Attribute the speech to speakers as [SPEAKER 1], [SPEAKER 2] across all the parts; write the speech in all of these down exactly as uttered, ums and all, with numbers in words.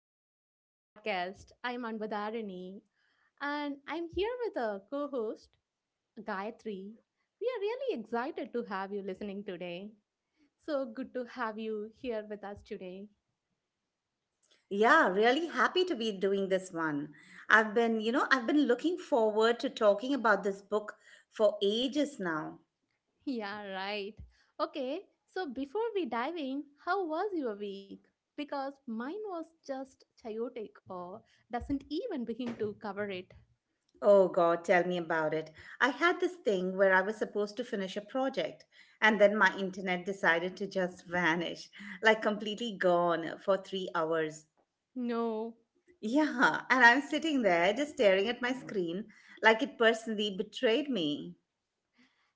[SPEAKER 1] welcome to our podcast. I am Anbudharani, and I'm here with a co host, Gayatri. We are really excited to have you listening today. So good to have you here with us today.
[SPEAKER 2] Yeah, really happy to be doing this one. I've been, you know, I've been looking forward to talking about this book for ages now.
[SPEAKER 1] Yeah, right. Okay, so before we dive in, how was your week? Because mine was just chaotic or doesn't even begin to cover it.
[SPEAKER 2] Oh God, tell me about it. I had this thing where I was supposed to finish a project and then my internet decided to just vanish, like completely gone for three hours.
[SPEAKER 1] No.
[SPEAKER 2] Yeah, and I'm sitting there just staring at my screen like it personally betrayed me.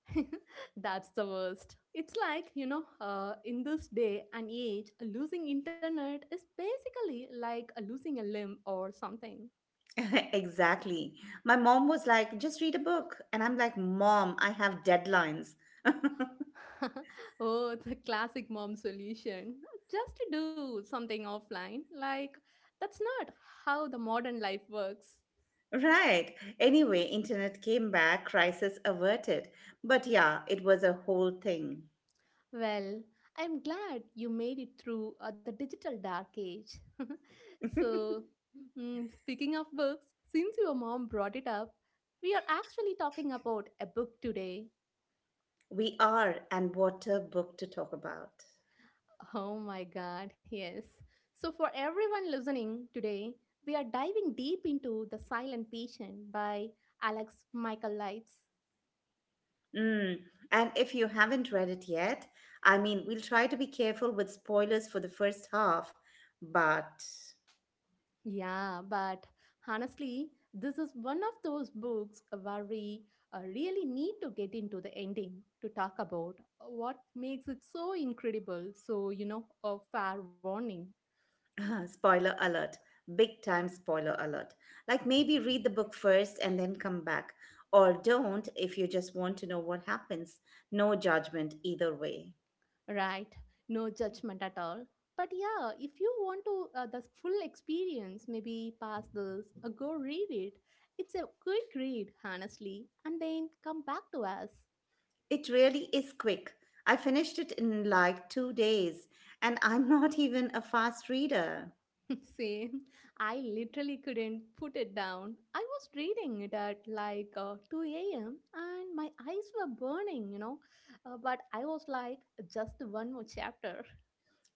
[SPEAKER 1] That's the worst. It's like, you know, uh, in this day and age, losing internet is basically like a losing a limb or something.
[SPEAKER 2] Exactly. My mom was like, just read a book. And I'm like, Mom, I have deadlines.
[SPEAKER 1] Oh, the classic mom solution. Just to do something offline. Like, that's not how the modern life works.
[SPEAKER 2] Right. Anyway, internet came back, crisis averted. But yeah, it was a whole thing.
[SPEAKER 1] Well, I'm glad you made it through uh, the digital dark age. so, mm, Speaking of books, since your mom brought it up, we are actually talking about a book today.
[SPEAKER 2] We are, and what a book to talk about.
[SPEAKER 1] Oh my god, yes. So, for everyone listening today, we are diving deep into The Silent Patient by Alex Michael Lights.
[SPEAKER 2] Mm. And if you haven't read it yet, I mean, we'll try to be careful with spoilers for the first half, but.
[SPEAKER 1] Yeah, but honestly, this is one of those books where we uh, really need to get into the ending to talk about what makes it so incredible. So, you know, a fair warning.
[SPEAKER 2] Spoiler alert, big time spoiler alert, like maybe read the book first and then come back, or don't if you just want to know what happens. No judgment either way.
[SPEAKER 1] Right? No judgment at all. But yeah, if you want to uh, the full experience, maybe pass this, uh, go read it. It's a quick read, honestly, and then come back to us.
[SPEAKER 2] It really is quick. I finished it in like two days, and I'm not even a fast reader.
[SPEAKER 1] Same. I literally couldn't put it down. I was reading it at like uh, two a m and my eyes were burning, you know. Uh, but I was like, just one more chapter.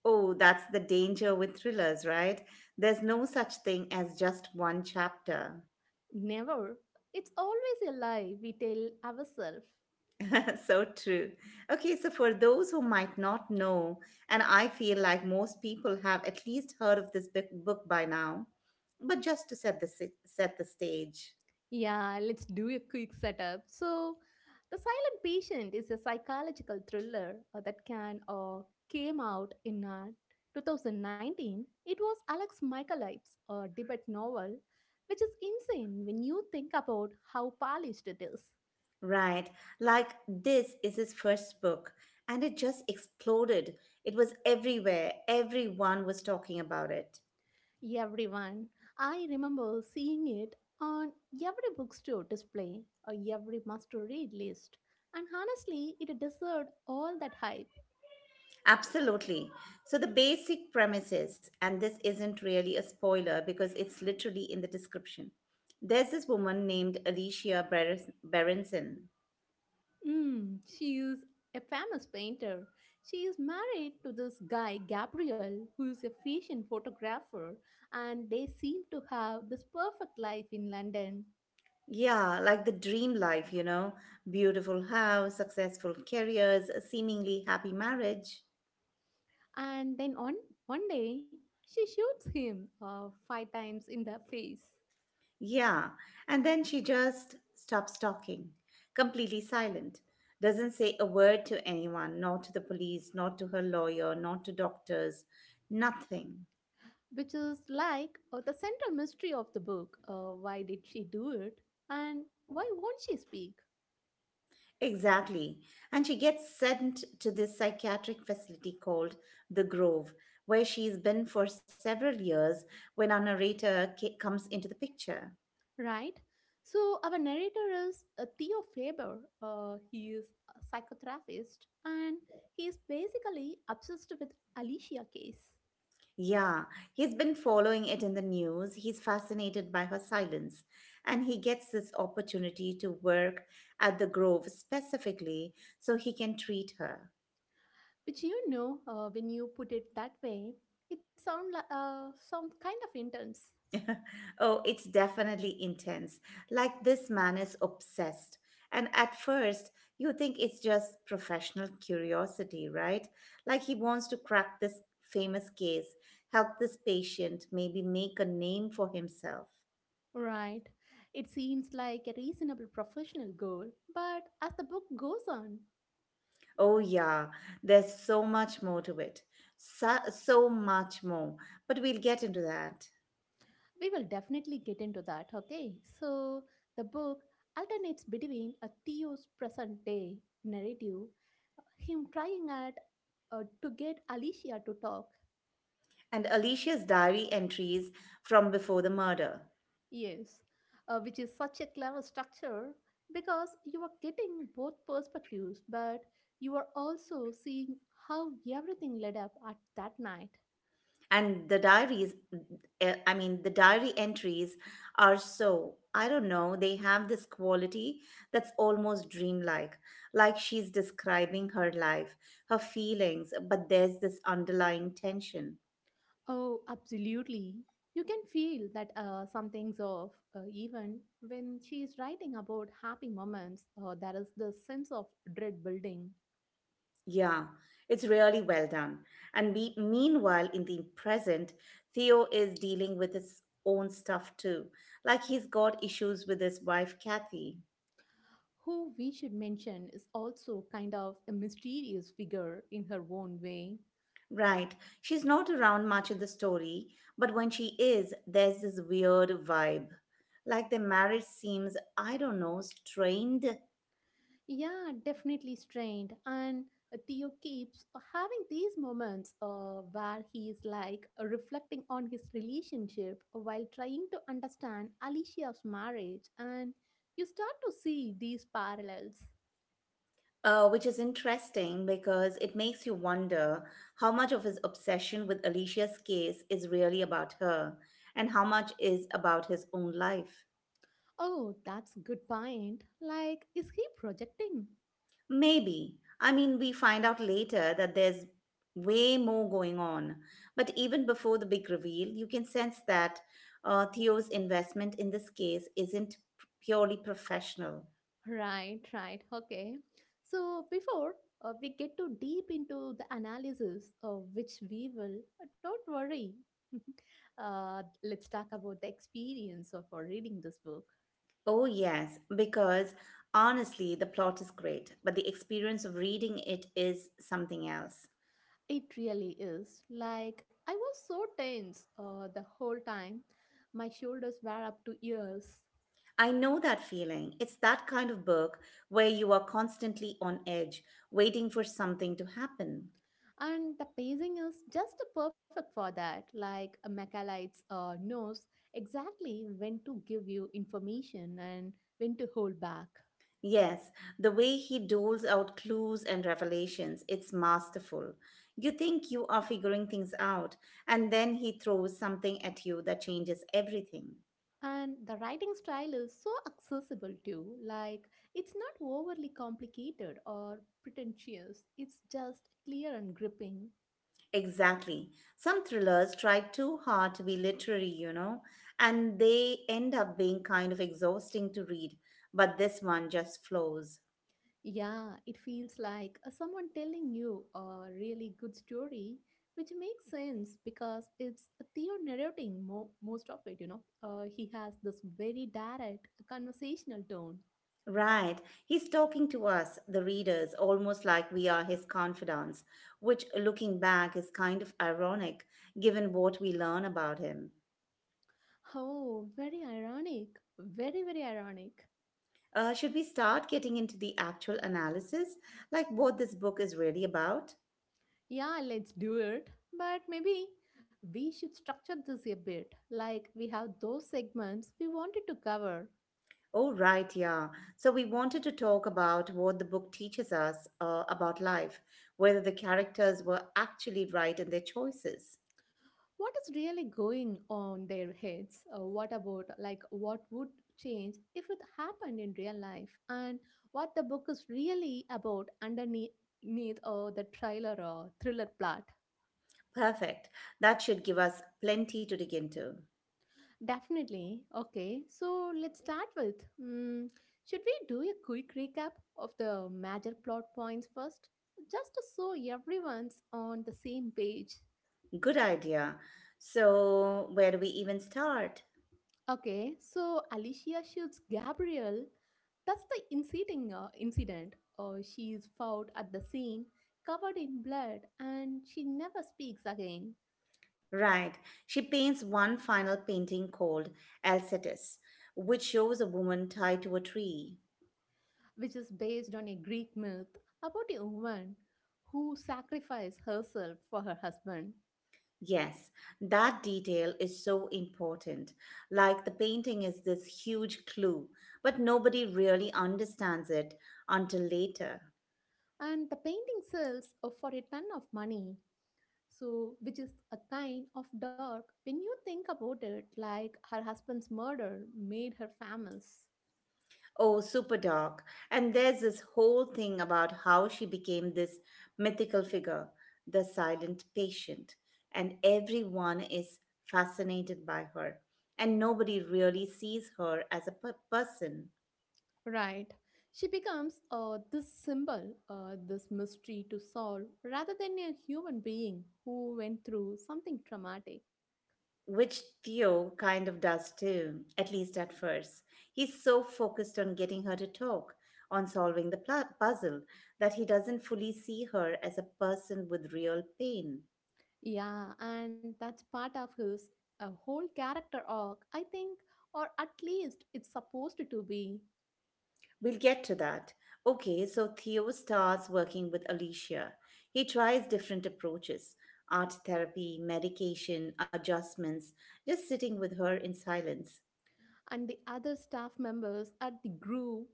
[SPEAKER 2] Oh, that's the danger with thrillers, right? There's no such thing as just one chapter.
[SPEAKER 1] Never. It's always a lie we tell ourselves.
[SPEAKER 2] So true. Okay, so for those who might not know, and I feel like most people have at least heard of this big book by now, but just to set the si- set the stage,
[SPEAKER 1] Yeah, let's do a quick setup. So, The Silent Patient is a psychological thriller uh, that can uh, came out in uh, two thousand nineteen. It was Alex Michaelides' uh, debut novel, which is insane when you think about how polished it is.
[SPEAKER 2] right? Like this is his first book, and it just exploded. It was everywhere. Everyone was talking about it.
[SPEAKER 1] Everyone, I remember seeing it on every bookstore display or every must-read list, and honestly, it deserved all that hype.
[SPEAKER 2] Absolutely. So, the basic premises, and this isn't really a spoiler because it's literally in the description. There's this woman named Alicia Ber- Berenson.
[SPEAKER 1] Mm, she is a famous painter. She is married to this guy, Gabriel, who is a fashion photographer, and they seem to have this perfect life in London.
[SPEAKER 2] Yeah, like the dream life, you know, beautiful house, successful careers, a seemingly happy marriage.
[SPEAKER 1] And then on one day, she shoots him uh, five times in the face,
[SPEAKER 2] Yeah, and then she just stops talking, completely silent. Doesn't say a word to anyone, not to the police, not to her lawyer, not to doctors, nothing.
[SPEAKER 1] which is like uh, the central mystery of the book. Uh, why did she do it? And why won't she speak?
[SPEAKER 2] Exactly. And she gets sent to this psychiatric facility called The Grove, where she's been for several years when our narrator ca- comes into the picture.
[SPEAKER 1] Right? So, our narrator is uh, Theo Faber. Uh, he is a psychotherapist and he is basically obsessed with Alicia case,
[SPEAKER 2] Yeah, he's been following it in the news. He's fascinated by her silence. And he gets this opportunity to work at The Grove specifically so he can treat her.
[SPEAKER 1] which you know, uh, when you put it that way, it sounds like uh, sound kind of intense.
[SPEAKER 2] Oh, it's definitely intense. Like this man is obsessed. And at first, you think it's just professional curiosity, right? Like he wants to crack this famous case, help this patient, maybe make a name for himself.
[SPEAKER 1] Right. It seems like a reasonable professional goal, but as the book goes on,
[SPEAKER 2] Oh, yeah, there's so much more to it. So, so much more. But we'll get into that.
[SPEAKER 1] we will definitely get into that, okay? So, the book alternates between a Theo's present day narrative him trying at uh, to get Alicia to talk.
[SPEAKER 2] And Alicia's diary entries from before the murder.
[SPEAKER 1] Yes, uh, which is such a clever structure because you are getting both perspectives, but you are also seeing how everything led up at that night.
[SPEAKER 2] And the diaries eh, I mean, the diary entries are so, I don't know, they have this quality that's almost dreamlike, like she's describing her life, her feelings, but there's this underlying tension.
[SPEAKER 1] Oh, absolutely. You can feel that uh, something's off, uh, even when she is writing about happy moments. Uh, there is the sense of dread building.
[SPEAKER 2] Yeah, it's really well done, and be, meanwhile in the present Theo is dealing with his own stuff too, like he's got issues with his wife Kathy.
[SPEAKER 1] Who we should mention is also kind of a mysterious figure in her own way.
[SPEAKER 2] Right. She's not around much in the story, but when she is, there's this weird vibe. Like the marriage seems, I don't know, strained,
[SPEAKER 1] Yeah, definitely strained. And uh, Theo keeps having these moments uh, where he is like uh, reflecting on his relationship while trying to understand Alicia's marriage, and you start to see these parallels.
[SPEAKER 2] uh, which is interesting because it makes you wonder how much of his obsession with Alicia's case is really about her and how much is about his own life.
[SPEAKER 1] Oh, that's good point. Like, is he projecting?
[SPEAKER 2] Maybe. I mean, we find out later that there's way more going on. But even before the big reveal, you can sense that uh, Theo's investment in this case isn't purely professional.
[SPEAKER 1] Right, right. Okay. So before uh, we get too deep into the analysis, uh, which we will, uh, don't worry. Uh, let's talk about the experience of uh, reading this book.
[SPEAKER 2] Oh, yes, because honestly, the plot is great, but the experience of reading it is something else.
[SPEAKER 1] It really is. Like, I was so tense uh, the whole time. My shoulders were up to ears.
[SPEAKER 2] I know that feeling. It's that kind of book where you are constantly on edge, waiting for something to happen.
[SPEAKER 1] And the pacing is just perfect for that. Like, a Macaulay's uh, knows exactly when to give you information and when to hold back.
[SPEAKER 2] Yes, the way he doles out clues and revelations, it's masterful. You think you are figuring things out, and then he throws something at you that changes everything.
[SPEAKER 1] And the writing style is so accessible too. Like, it's not overly complicated or pretentious, it's just clear and gripping.
[SPEAKER 2] Exactly. Some thrillers try too hard to be literary, you know, and they end up being kind of exhausting to read, but this one just flows.
[SPEAKER 1] Yeah, it feels like uh, someone telling you a really good story, which makes sense because it's Theo narrating mo- most of it, you know. Uh, he has this very direct conversational tone.
[SPEAKER 2] Right. He's talking to us, the readers, almost like we are his confidants, which, looking back, is kind of ironic given what we learn about him.
[SPEAKER 1] Oh, very ironic. Very, very ironic.
[SPEAKER 2] Uh, should we start getting into the actual analysis, like what this book is really about?
[SPEAKER 1] Yeah, let's do it. But maybe we should structure this a bit. Like we have those segments we wanted to cover.
[SPEAKER 2] Oh, right, yeah. So, we wanted to talk about what the book teaches us uh, about life, whether the characters were actually right in their choices.
[SPEAKER 1] What is really going on their heads? Uh, what about like what would change if it happened in real life? And what the book is really about underneath uh, the trailer or thriller plot?
[SPEAKER 2] Perfect. That should give us plenty to dig into.
[SPEAKER 1] Definitely. Okay, so let's start with mm, should we do a quick recap of the major plot points first? Just to so everyone's on the same page.
[SPEAKER 2] Good idea. So, where do we even start?
[SPEAKER 1] Okay, so Alicia shoots Gabrielle. That's the inciting uh, incident. Uh, she is found at the scene, covered in blood, and she never speaks again,
[SPEAKER 2] Right. She paints one final painting called Alcetus, which shows a woman tied to a tree.
[SPEAKER 1] which is based on a Greek myth about a woman who sacrificed herself for her husband.
[SPEAKER 2] Yes, that detail is so important. Like the painting is this huge clue, but nobody really understands it until later.
[SPEAKER 1] And the painting sells uh, for a ton of money, so which is a kind of dark when you think about it, like her husband's murder made her famous.
[SPEAKER 2] Oh, super dark. And there's this whole thing about how she became this mythical figure, the silent patient, and everyone is fascinated by her, and nobody really sees her as a per- person.
[SPEAKER 1] Right, she becomes uh, this symbol uh, this mystery to solve rather than a human being who went through something traumatic.
[SPEAKER 2] Which Theo kind of does too, at least at first. He's so focused on getting her to talk, on solving the pla- puzzle, that he doesn't fully see her as a person with real pain.
[SPEAKER 1] Yeah, and that's part of his a whole character arc, I think, or at least it's supposed to be.
[SPEAKER 2] We'll get to that. Okay, so Theo starts working with Alicia. He tries different approaches, art therapy, medication, adjustments, just sitting with her in silence.
[SPEAKER 1] And the other staff members at the group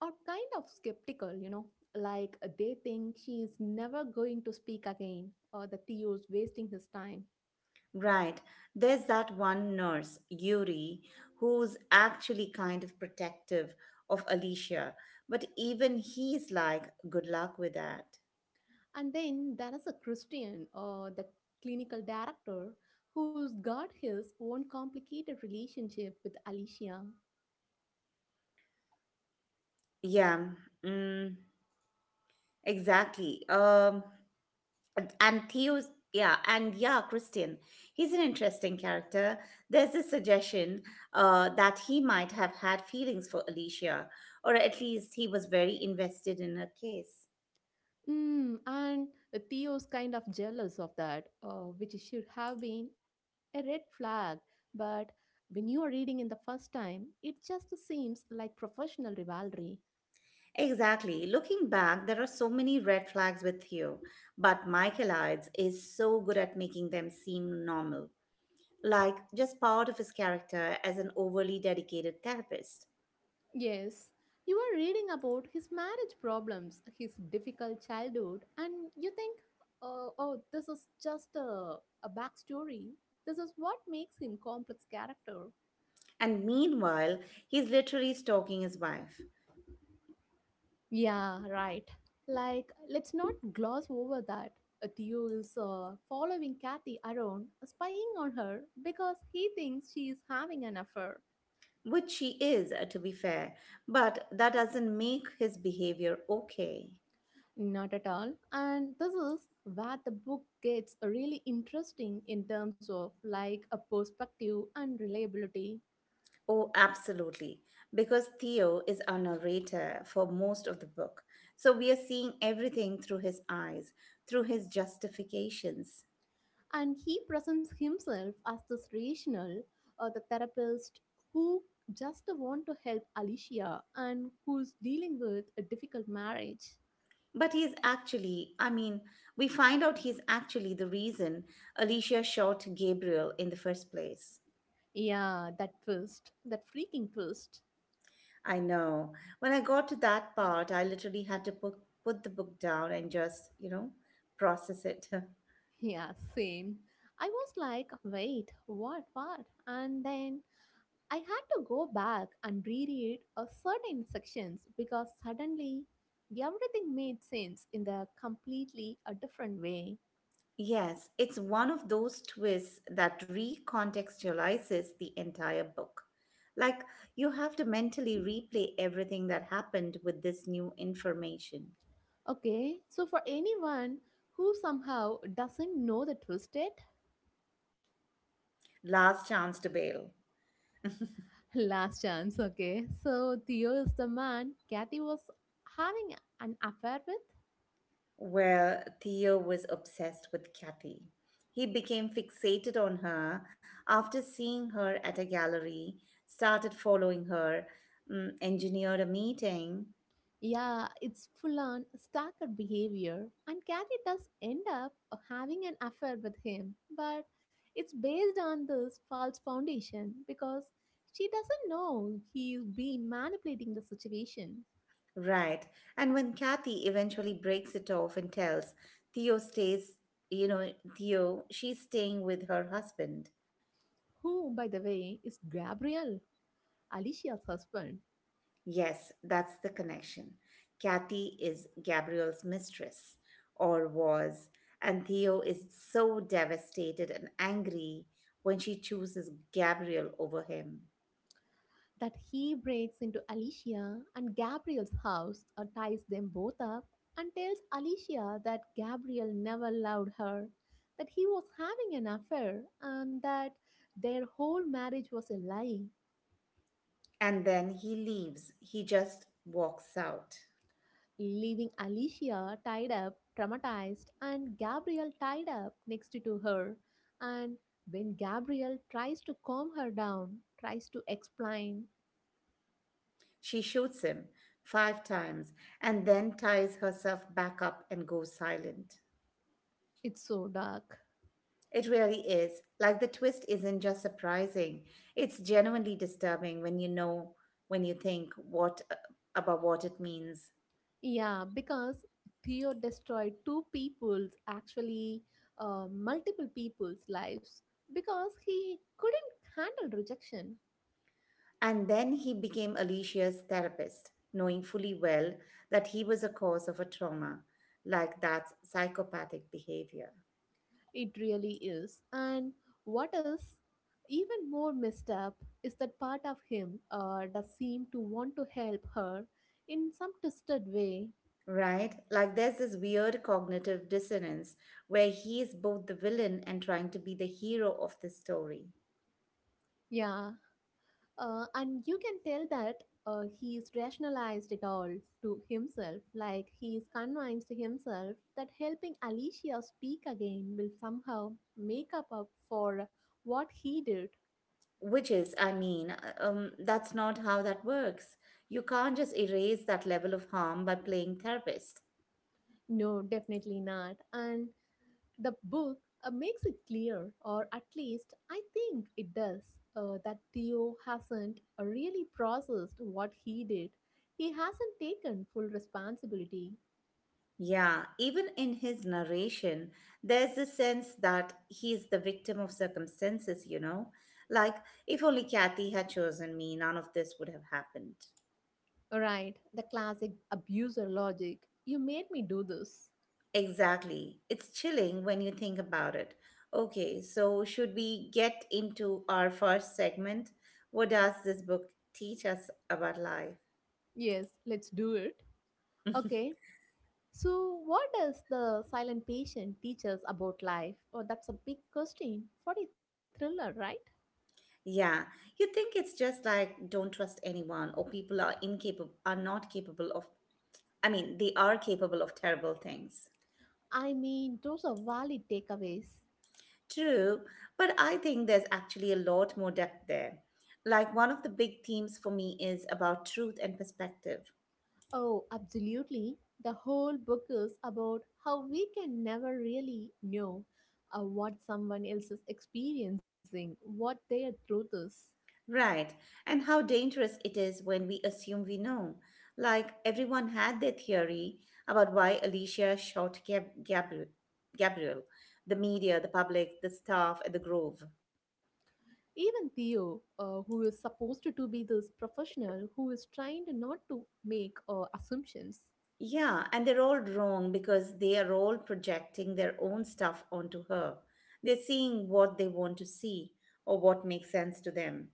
[SPEAKER 1] are kind of skeptical, you know, like they think she is never going to speak again or the Theo is wasting his time.
[SPEAKER 2] Right, there's that one nurse, Yuri, who's actually kind of protective of Alicia, but even he's like, good luck with that.
[SPEAKER 1] And then there is a Christian or the clinical director who's got his own complicated relationship with Alicia.
[SPEAKER 2] Yeah, mm, exactly. Um, and Theo's yeah and yeah Christian, he's an interesting character. There's a suggestion uh, that he might have had feelings for Alicia, or at least he was very invested in her case.
[SPEAKER 1] Mm, and Theo's kind of jealous of that, uh, which should have been a red flag. But when you are reading in the first time, it just seems like professional rivalry.
[SPEAKER 2] Exactly, looking back there are so many red flags with Theo, but Michaelides is so good at making them seem normal, like just part of his character as an overly dedicated therapist.
[SPEAKER 1] Yes, you are reading about his marriage problems, his difficult childhood, and you think, uh, oh, this is just a, a backstory. This is what makes him complex character.
[SPEAKER 2] And meanwhile he's literally stalking his wife.
[SPEAKER 1] Yeah, right. Like, let's not gloss over that. Uh, Theo is uh, following Kathy around, uh, spying on her because he thinks she is having an affair.
[SPEAKER 2] Which he is, uh, to be fair, but that doesn't make his behavior okay.
[SPEAKER 1] Not at all. And this is where the book gets really interesting in terms of like a perspective and reliability.
[SPEAKER 2] Oh, absolutely. Because Theo is our narrator for most of the book. So we are seeing everything through his eyes, through his justifications.
[SPEAKER 1] And he presents himself as this rational, uh, the therapist who just want to help Alicia and who's dealing with a difficult marriage.
[SPEAKER 2] But he's actually, I mean, we find out he's actually the reason Alicia shot Gabriel in the first place.
[SPEAKER 1] Yeah, that twist, that freaking twist.
[SPEAKER 2] I know. When I got to that part, I literally had to put, put the book down and just, you know, process it.
[SPEAKER 1] Yeah, same. I was like, wait, what, what? And then I had to go back and reread a certain sections because suddenly everything made sense in the completely a different way.
[SPEAKER 2] Yes, it's one of those twists that recontextualizes the entire book. Like, you have to mentally replay everything that happened with this new information.
[SPEAKER 1] Okay, so for anyone who somehow doesn't know the twist yet,
[SPEAKER 2] Last Chance to Bail,
[SPEAKER 1] last chance, okay? So Theo is the man Kathy was having an affair with.
[SPEAKER 2] where Theo was obsessed with Kathy. He became fixated on her after seeing her at a gallery, started following her, mm, engineered a meeting.
[SPEAKER 1] Yeah, it's full on stalker behavior, and Kathy does end up having an affair with him, but it's based on this false foundation because she doesn't know he's been manipulating the situation.
[SPEAKER 2] Right. And when Kathy eventually breaks it off and tells Theo, stays, you know, Theo, she's staying with her husband.
[SPEAKER 1] Who, by the way, is Gabriel, Alicia's husband.
[SPEAKER 2] Yes, that's the connection. Kathy is Gabrielle's mistress, or was, and Theo is so devastated and angry when she chooses Gabrielle over him.
[SPEAKER 1] That he breaks into Alicia and Gabriel's house or ties them both up and tells Alicia that Gabriel never loved her, that he was having an affair, and that their whole marriage was a lie,
[SPEAKER 2] And then he leaves, he just walks out.
[SPEAKER 1] leaving Alicia tied up, traumatized, and Gabriel tied up next to her. And when Gabriel tries to calm her down, tries to explain,
[SPEAKER 2] She shoots him five times and then ties herself back up and goes silent.
[SPEAKER 1] it's so dark.
[SPEAKER 2] It really is. Like the twist isn't just surprising, it's genuinely disturbing when you know, when you think what about what it means.
[SPEAKER 1] Yeah, because Theo destroyed two people's, actually, uh, multiple people's lives because he couldn't handle rejection.
[SPEAKER 2] And then he became Alicia's therapist, knowing fully well that he was a cause of a trauma, like that's psychopathic behavior.
[SPEAKER 1] It really is. And what is even more messed up is that part of him uh, does seem to want to help her in some twisted way.
[SPEAKER 2] Right? Like there's this weird cognitive dissonance where he is both the villain and trying to be the hero of the story.
[SPEAKER 1] Yeah. Uh, and you can tell that uh, he's rationalized it all to himself, like he's convinced himself that helping Alicia speak again will somehow make up, up for what he did.
[SPEAKER 2] Which is, I mean, uh, um, that's not how that works. You can't just erase that level of harm by playing therapist.
[SPEAKER 1] No, definitely not. And the book uh, makes it clear, or at least I think it does, uh, that Theo hasn't uh, really processed what he did. He hasn't taken full responsibility.
[SPEAKER 2] Yeah, even in his narration, there's a sense that he's the victim of circumstances, you know? Like, if only Kathy had chosen me, none of this would have happened.
[SPEAKER 1] Right, the classic abuser logic. You made me do this.
[SPEAKER 2] Exactly. It's chilling when you think about it. Okay, so should we get into our first segment? What does this book teach us about life?
[SPEAKER 1] Yes, let's do it. Okay, so what does the silent patient teach us about life? Oh, that's a big question for a thriller, right?
[SPEAKER 2] Yeah, you think it's just like, don't trust anyone, or people are incapable are not capable of, I mean, they are capable of terrible things.
[SPEAKER 1] I mean, those are valid takeaways.
[SPEAKER 2] True, but I think there's actually a lot more depth there. Like one of the big themes for me is about truth and perspective.
[SPEAKER 1] Oh, absolutely. The whole book is about how we can never really know uh, what someone else is experiencing, what their truth is.
[SPEAKER 2] Right, and how dangerous it is when we assume we know. Like everyone had their theory about why Alicia shot Gab- Gabriel, Gabriel, the media, the public, the staff at the Grove.
[SPEAKER 1] Even Theo, uh, who is supposed to be this professional who is trying to not to make uh, assumptions,
[SPEAKER 2] Yeah, and they're all wrong because they are all projecting their own stuff onto her. They're seeing what they want to see or what makes sense to them.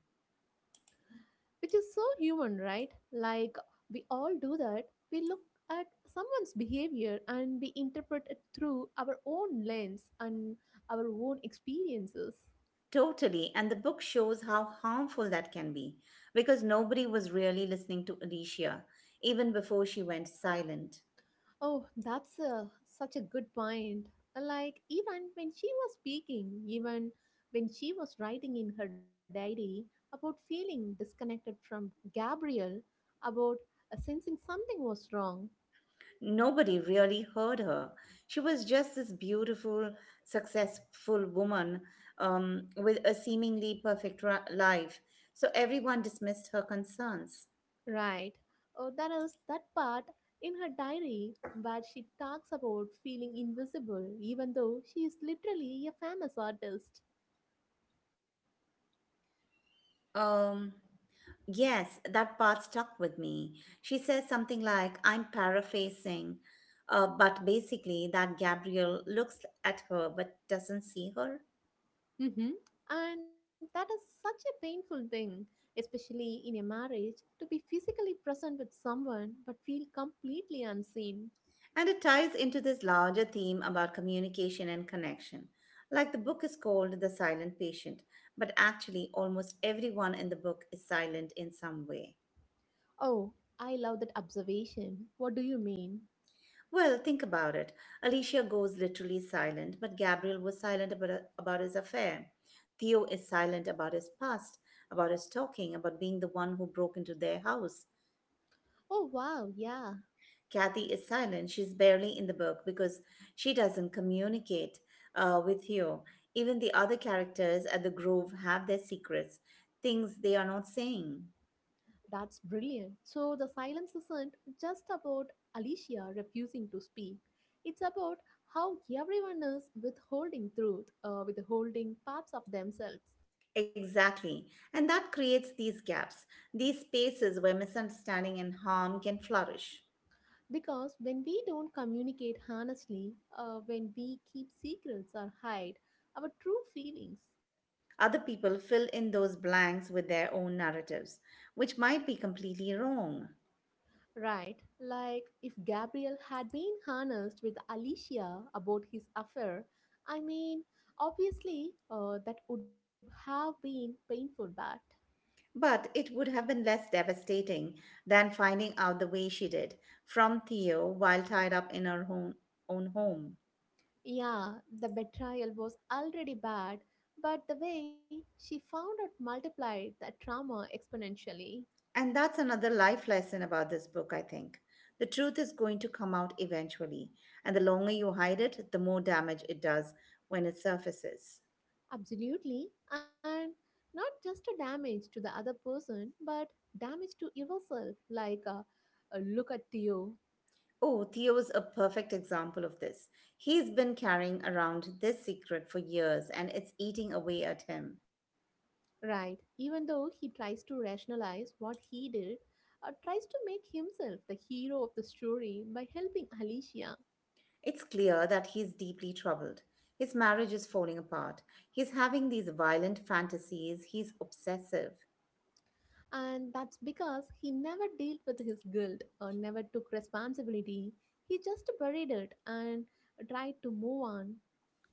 [SPEAKER 1] which is so human, right? Like we all do that. We look at someone's behavior and we interpret it through our own lens and our own experiences.
[SPEAKER 2] Totally, and the book shows how harmful that can be because nobody was really listening to Alicia even before she went silent.
[SPEAKER 1] Oh, that's a, such a good point. Uh, Like, even when she was speaking, even when she was writing in her diary about feeling disconnected from Gabriel, about uh, sensing something was wrong,
[SPEAKER 2] Nobody really heard her. She was just this beautiful, successful woman, um, with a seemingly perfect ri- life, so everyone dismissed her concerns.
[SPEAKER 1] right? Oh, that is that part in her diary where she talks about feeling invisible, even though she is literally a famous artist.
[SPEAKER 2] Um, Yes, that part stuck with me. She says something like, I'm paraphrasing, uh, but basically that Gabriel looks at her but doesn't see her.
[SPEAKER 1] Hmm. And that is such a painful thing, especially in a marriage, to be physically present with someone but feel completely unseen.
[SPEAKER 2] And it ties into this larger theme about communication and connection. Like the book is called The Silent Patient, but actually almost everyone in the book is silent in some way.
[SPEAKER 1] Oh, I love that observation. What do you mean?
[SPEAKER 2] Well, think about it. Alicia goes literally silent, but Gabriel was silent about, about his affair. Theo is silent about his past, about his talking, about being the one who broke into their house.
[SPEAKER 1] Oh, wow, yeah.
[SPEAKER 2] Kathy is silent. She's barely in the book because she doesn't communicate uh, with Theo. Even the other characters at the Grove have their secrets, things they are not saying.
[SPEAKER 1] That's brilliant. So the silence isn't just about Alicia refusing to speak, it's about how everyone is withholding truth, uh, withholding parts of themselves.
[SPEAKER 2] Exactly. And that creates these gaps, these spaces where misunderstanding and harm can flourish.
[SPEAKER 1] Because when we don't communicate honestly, uh, when we keep secrets or hide our true feelings,
[SPEAKER 2] Other people fill in those blanks with their own narratives, which might be completely wrong.
[SPEAKER 1] right? Like if Gabriel had been honest with Alicia about his affair, I mean, obviously uh, that would have been painful, but
[SPEAKER 2] But it would have been less devastating than finding out the way she did from Theo while tied up in her own, own home.
[SPEAKER 1] yeah, the betrayal was already bad, but the way she found out multiplied that trauma exponentially.
[SPEAKER 2] And that's another life lesson about this book, I think. The truth is going to come out eventually, and the longer you hide it, the more damage it does when it surfaces.
[SPEAKER 1] Absolutely. And not just a damage to the other person, but damage to yourself. Like, uh, uh, look at Theo,
[SPEAKER 2] Oh, Theo is a perfect example of this. He's been carrying around this secret for years and it's eating away at him.
[SPEAKER 1] right? Even though he tries to rationalize what he did, uh, tries to make himself the hero of the story by helping Alicia.
[SPEAKER 2] It's clear that he's deeply troubled. His marriage is falling apart. He's having these violent fantasies. He's obsessive,
[SPEAKER 1] And that's because he never dealt with his guilt or never took responsibility. He just buried it and tried to move on.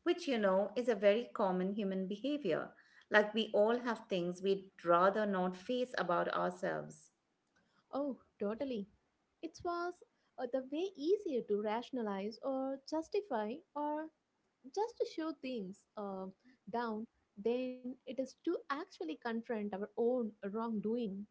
[SPEAKER 2] which, you know, is a very common human behavior. Like we all have things we'd rather not face about ourselves.
[SPEAKER 1] Oh, totally. It was uh, the way easier to rationalize or justify or just to show things uh, down than it is to actually confront our own wrongdoing.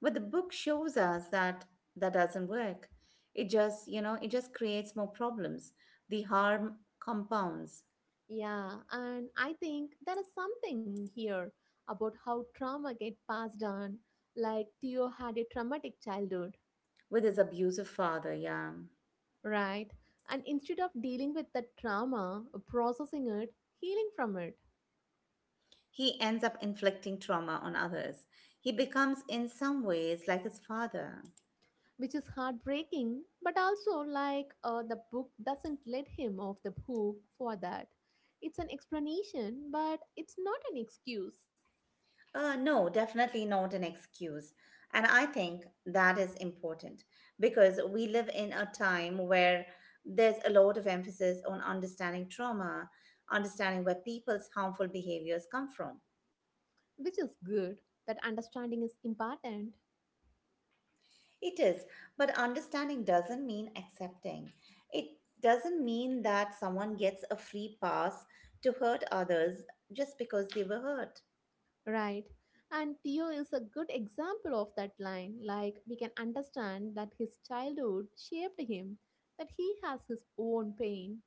[SPEAKER 2] But the book shows us that that doesn't work. It just, you know, it just creates more problems. The harm compounds
[SPEAKER 1] Yeah, and I think there is something here about how trauma get passed on. Like Theo had a traumatic childhood,
[SPEAKER 2] with his abusive father, yeah.
[SPEAKER 1] right? And instead of dealing with that trauma, processing it, healing from it,
[SPEAKER 2] He ends up inflicting trauma on others. He becomes, in some ways, like his father.
[SPEAKER 1] which is heartbreaking but also like uh, the book doesn't let him off the hook for that. It's an explanation but it's not an excuse.
[SPEAKER 2] Uh, no, definitely not an excuse. And I think that is important because we live in a time where there's a lot of emphasis on understanding trauma, understanding where people's harmful behaviors come from.
[SPEAKER 1] Which is good, that understanding is important,
[SPEAKER 2] It is, but understanding doesn't mean accepting. It doesn't mean that someone gets a free pass to hurt others just because they were hurt.
[SPEAKER 1] right? And Theo is a good example of that line. Like we can understand that his childhood shaped him, that he has his own pain.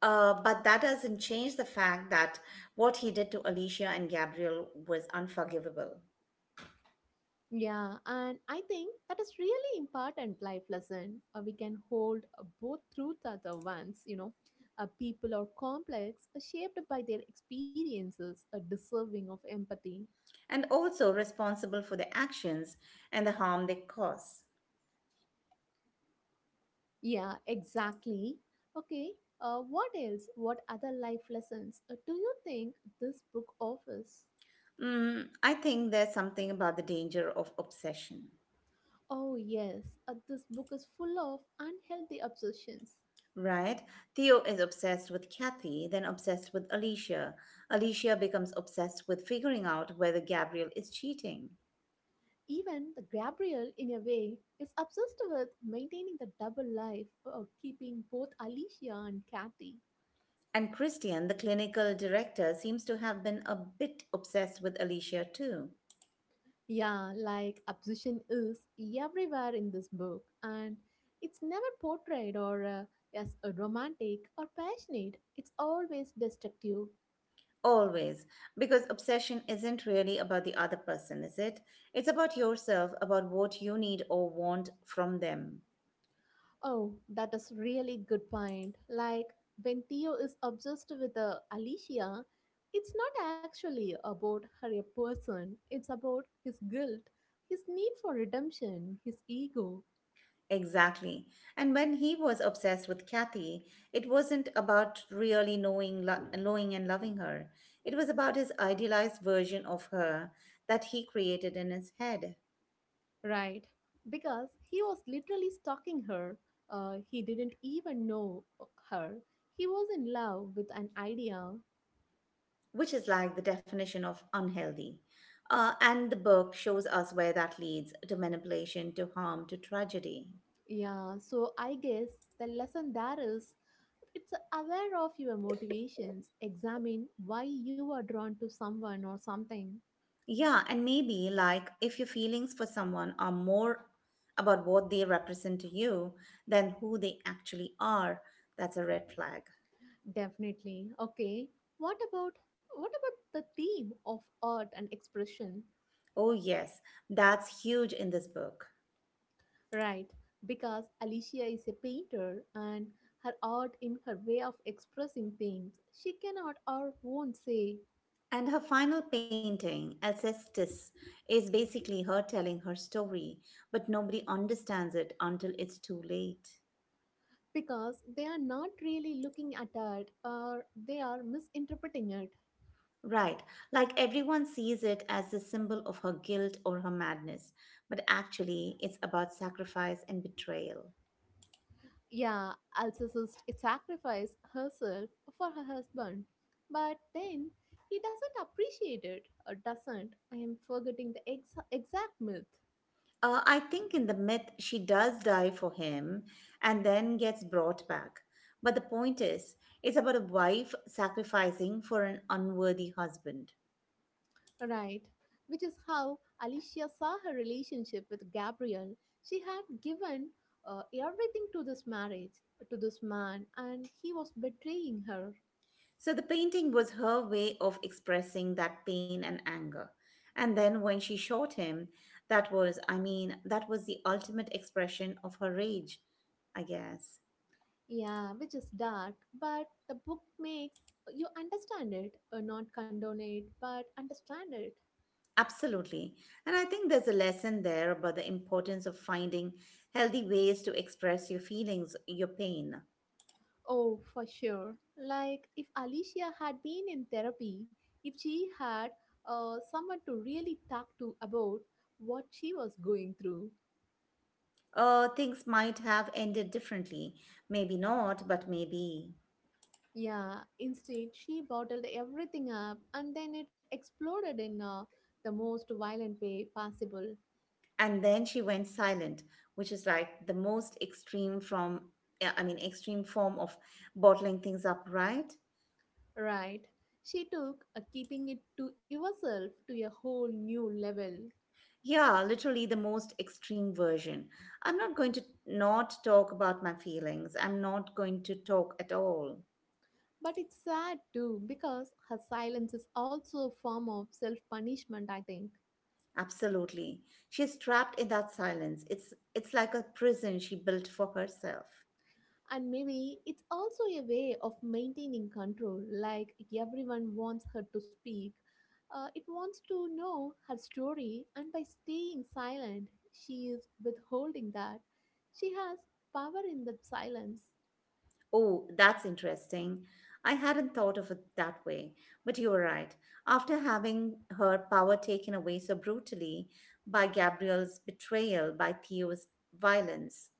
[SPEAKER 2] Uh, but that doesn't change the fact that what he did to Alicia and Gabriel was unforgivable
[SPEAKER 1] Yeah, and I think that is really important life lesson. Uh, we can hold uh, both truths are the ones, you know. Uh, people are complex, uh, shaped by their experiences, uh, deserving of empathy.
[SPEAKER 2] and also responsible for their actions and the harm they cause.
[SPEAKER 1] Yeah, exactly. Okay, uh, what else? What other life lessons uh, do you think this book offers?
[SPEAKER 2] Mm, I think there's something about the danger of obsession.
[SPEAKER 1] Oh, yes, uh, this book is full of unhealthy obsessions.
[SPEAKER 2] Right? Theo is obsessed with Kathy, then obsessed with Alicia. Alicia becomes obsessed with figuring out whether Gabriel is cheating.
[SPEAKER 1] Even the Gabriel, in a way, is obsessed with maintaining the double life of keeping both Alicia and Kathy.
[SPEAKER 2] And Christian, the clinical director, seems to have been a bit obsessed with Alicia too.
[SPEAKER 1] Yeah, like obsession is everywhere in this book, and it's never portrayed or uh, as a romantic or passionate. It's always destructive.
[SPEAKER 2] Always. Because obsession isn't really about the other person, is it? It's about yourself, about what you need or want from them.
[SPEAKER 1] Oh, that is really good point. Like when Theo is obsessed with uh, Alicia, it's not actually about her a person. It's about his guilt, his need for redemption, his ego,
[SPEAKER 2] Exactly. And when he was obsessed with Kathy, it wasn't about really knowing, lo- knowing and loving her. It was about his idealized version of her that he created in his head,
[SPEAKER 1] right? Because he was literally stalking her. Uh, he didn't even know her. He was in love with an idea.
[SPEAKER 2] which is like the definition of unhealthy. Uh, and the book shows us where that leads to manipulation, to harm, to tragedy.
[SPEAKER 1] Yeah, so I guess the lesson there is it's aware of your motivations, examine why you are drawn to someone or something.
[SPEAKER 2] Yeah, and maybe like if your feelings for someone are more about what they represent to you than who they actually are, that's a red flag.
[SPEAKER 1] Definitely. Okay. What about what about the theme of art and expression?
[SPEAKER 2] Oh, yes, that's huge in this book.
[SPEAKER 1] Right, because Alicia is a painter and her art in her way of expressing things, she cannot or won't say.
[SPEAKER 2] And her final painting, Alcestis, is basically her telling her story, but nobody understands it until it's too late.
[SPEAKER 1] Because they are not really looking at art or they are misinterpreting it.
[SPEAKER 2] Right, like everyone sees it as the symbol of her guilt or her madness, but actually it's about sacrifice and betrayal.
[SPEAKER 1] Yeah, Alcestis sacrificed herself for her husband, but then he doesn't appreciate it or doesn't. I am forgetting the ex- exact myth,
[SPEAKER 2] Uh, I think in the myth, she does die for him and then gets brought back. But the point is, it's about a wife sacrificing for an unworthy husband.
[SPEAKER 1] right? Which is how Alicia saw her relationship with Gabriel. She had given uh, everything to this marriage, to this man, and he was betraying her.
[SPEAKER 2] So the painting was her way of expressing that pain and anger. And then when she shot him, that was, I mean, that was the ultimate expression of her rage, I guess.
[SPEAKER 1] Yeah, which is dark, but the book makes you understand it, uh, not condone it, but understand it.
[SPEAKER 2] Absolutely. And I think there's a lesson there about the importance of finding healthy ways to express your feelings, your pain.
[SPEAKER 1] Oh, for sure. Like, if Alicia had been in therapy, if she had uh, someone to really talk to about what she was going through.
[SPEAKER 2] Uh, things might have ended differently. Maybe not, but maybe.
[SPEAKER 1] Yeah, instead, she bottled everything up and then it exploded in, uh, the most violent way possible.
[SPEAKER 2] And then she went silent, which is like the most extreme from, yeah, I mean extreme form of bottling things up, right?
[SPEAKER 1] Right. She took, uh, keeping it to yourself to a whole new level.
[SPEAKER 2] Yeah, literally the most extreme version. I'm not going to not talk about my feelings, I'm not going to talk at all.
[SPEAKER 1] But it's sad too because her silence is also a form of self punishment, I think.
[SPEAKER 2] Absolutely. She's trapped in that silence. It's it's like a prison she built for herself.
[SPEAKER 1] And maybe it's also a way of maintaining control, like everyone wants her to speak. Uh, it wants to know her story, and by staying silent, she is withholding that. She has power in that silence.
[SPEAKER 2] Oh, that's interesting. I hadn't thought of it that way, but you're right. After having her power taken away so brutally by Gabrielle's betrayal, by Theo's violence,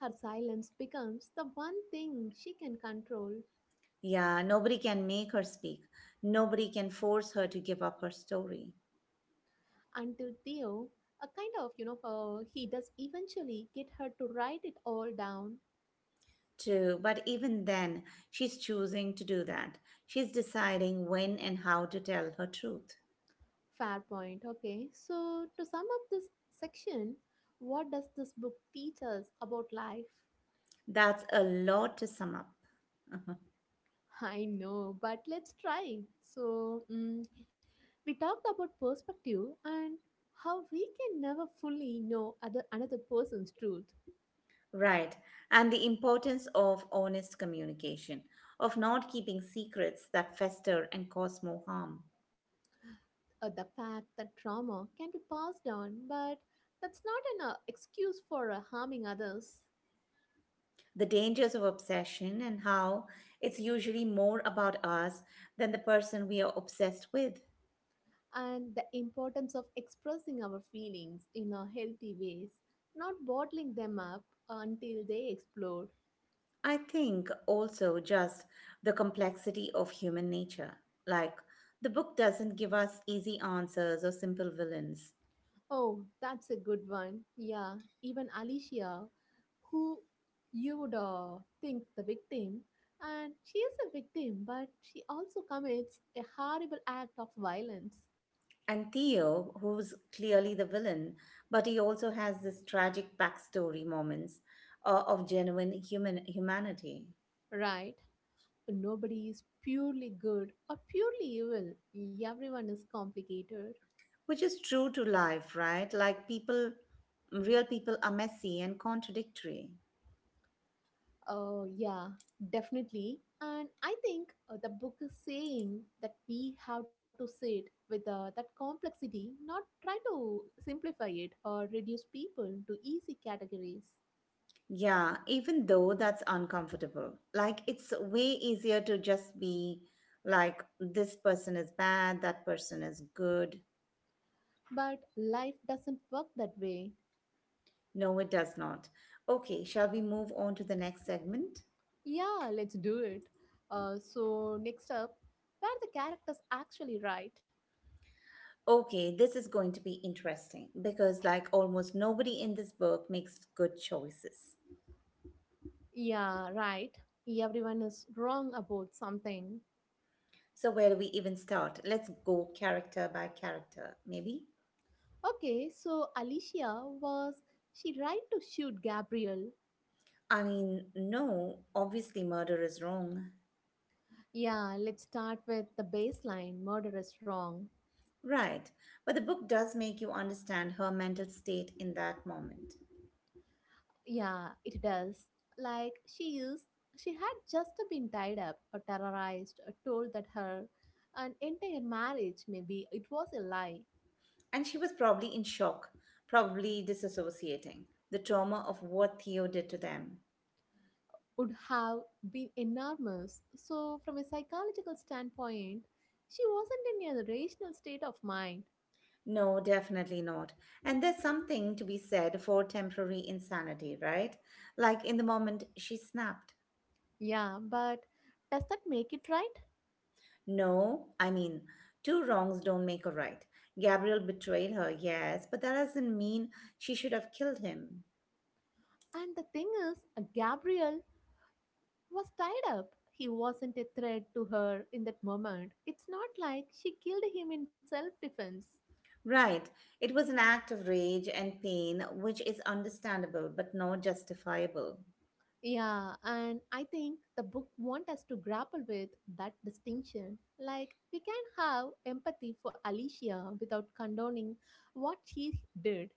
[SPEAKER 1] Her silence becomes the one thing she can control
[SPEAKER 2] yeah, nobody can make her speak. Nobody can force her to give up her story.
[SPEAKER 1] until Theo, a kind of, you know, uh, he does eventually get her to write it all down.
[SPEAKER 2] True, but even then, she's choosing to do that. She's deciding when and how to tell her truth.
[SPEAKER 1] Fair point. Okay. So, to sum up this section, what does this book teach us about life?
[SPEAKER 2] That's a lot to sum up.
[SPEAKER 1] I know, but let's try. So, mm, we talked about perspective and how we can never fully know other another person's truth.
[SPEAKER 2] Right. And the importance of honest communication, of not keeping secrets that fester and cause more harm.
[SPEAKER 1] Or the fact that trauma can be passed on, but that's not an uh, excuse for uh, harming others.
[SPEAKER 2] The dangers of obsession and how it's usually more about us than the person we are obsessed with.
[SPEAKER 1] And the importance of expressing our feelings in a healthy ways, not bottling them up until they explode.
[SPEAKER 2] I think also just the complexity of human nature. Like, the book doesn't give us easy answers or simple villains.
[SPEAKER 1] Oh, that's a good one. Yeah, even Alicia, who you would uh, think the victim, and she is a victim, but she also commits a horrible act of violence,
[SPEAKER 2] And Theo, who's clearly the villain, but he also has this tragic backstory moments uh, of genuine human humanity,
[SPEAKER 1] right? Nobody is purely good or purely evil. Everyone is complicated.
[SPEAKER 2] which is true to life, right? Like people, real people are messy and contradictory.
[SPEAKER 1] Oh, yeah, definitely. And I think uh, the book is saying that we have to sit with uh, that complexity, not try to simplify it or reduce people to easy categories.
[SPEAKER 2] Yeah, even though that's uncomfortable. Like it's way easier to just be like, this person is bad, that person is good.
[SPEAKER 1] But life doesn't work that way.
[SPEAKER 2] No, it does not. Okay, shall we move on to the next segment?
[SPEAKER 1] Yeah, let's do it. Uh, so, next up, where the characters actually right?
[SPEAKER 2] Okay, this is going to be interesting because, like, almost nobody in this book makes good choices.
[SPEAKER 1] Yeah, right. Everyone is wrong about something.
[SPEAKER 2] So, where do we even start? Let's go character by character, maybe?
[SPEAKER 1] Okay, so Alicia was she right to shoot Gabriel?
[SPEAKER 2] I mean, no, obviously, murder is wrong.
[SPEAKER 1] Yeah, let's start with the baseline murder is wrong.
[SPEAKER 2] Right, but the book does make you understand her mental state in that moment.
[SPEAKER 1] Yeah, it does. Like she is, she had just been tied up or terrorized or told that her an entire marriage, maybe it was a lie,
[SPEAKER 2] And she was probably in shock, probably disassociating, the trauma of what Theo did to them.
[SPEAKER 1] would have been enormous. So, from a psychological standpoint, she wasn't in a rational state of mind.
[SPEAKER 2] No, definitely not. And there's something to be said for temporary insanity, right? Like in the moment she snapped.
[SPEAKER 1] Yeah, but does that make it right?
[SPEAKER 2] No, I mean, two wrongs don't make a right. Gabriel betrayed her, yes, but that doesn't mean she should have killed him.
[SPEAKER 1] And the thing is, Gabriel was tied up. He wasn't a threat to her in that moment. It's not like she killed him in self defense.
[SPEAKER 2] Right. It was an act of rage and pain, which is understandable but not justifiable.
[SPEAKER 1] Yeah, and I think the book wants us to grapple with that distinction. Like, we can have empathy for Alicia without condoning what she did.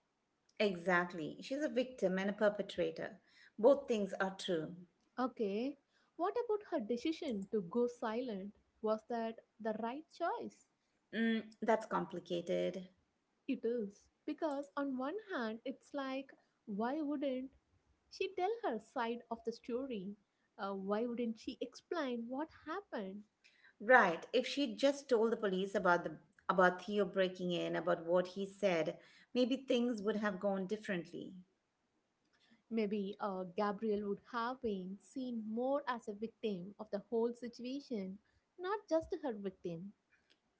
[SPEAKER 2] Exactly. She's a victim and a perpetrator. Both things are true.
[SPEAKER 1] Okay, what about her decision to go silent? Was that the right choice?
[SPEAKER 2] Mm, that's complicated.
[SPEAKER 1] It is. Because on one hand, it's like, why wouldn't she tell her side of the story? Uh, why wouldn't she explain what happened?
[SPEAKER 2] Right. If she'd just told the police about the about Theo breaking in, about what he said, maybe things would have gone differently.
[SPEAKER 1] Maybe uh, Gabriel would have been seen more as a victim of the whole situation, not just her victim.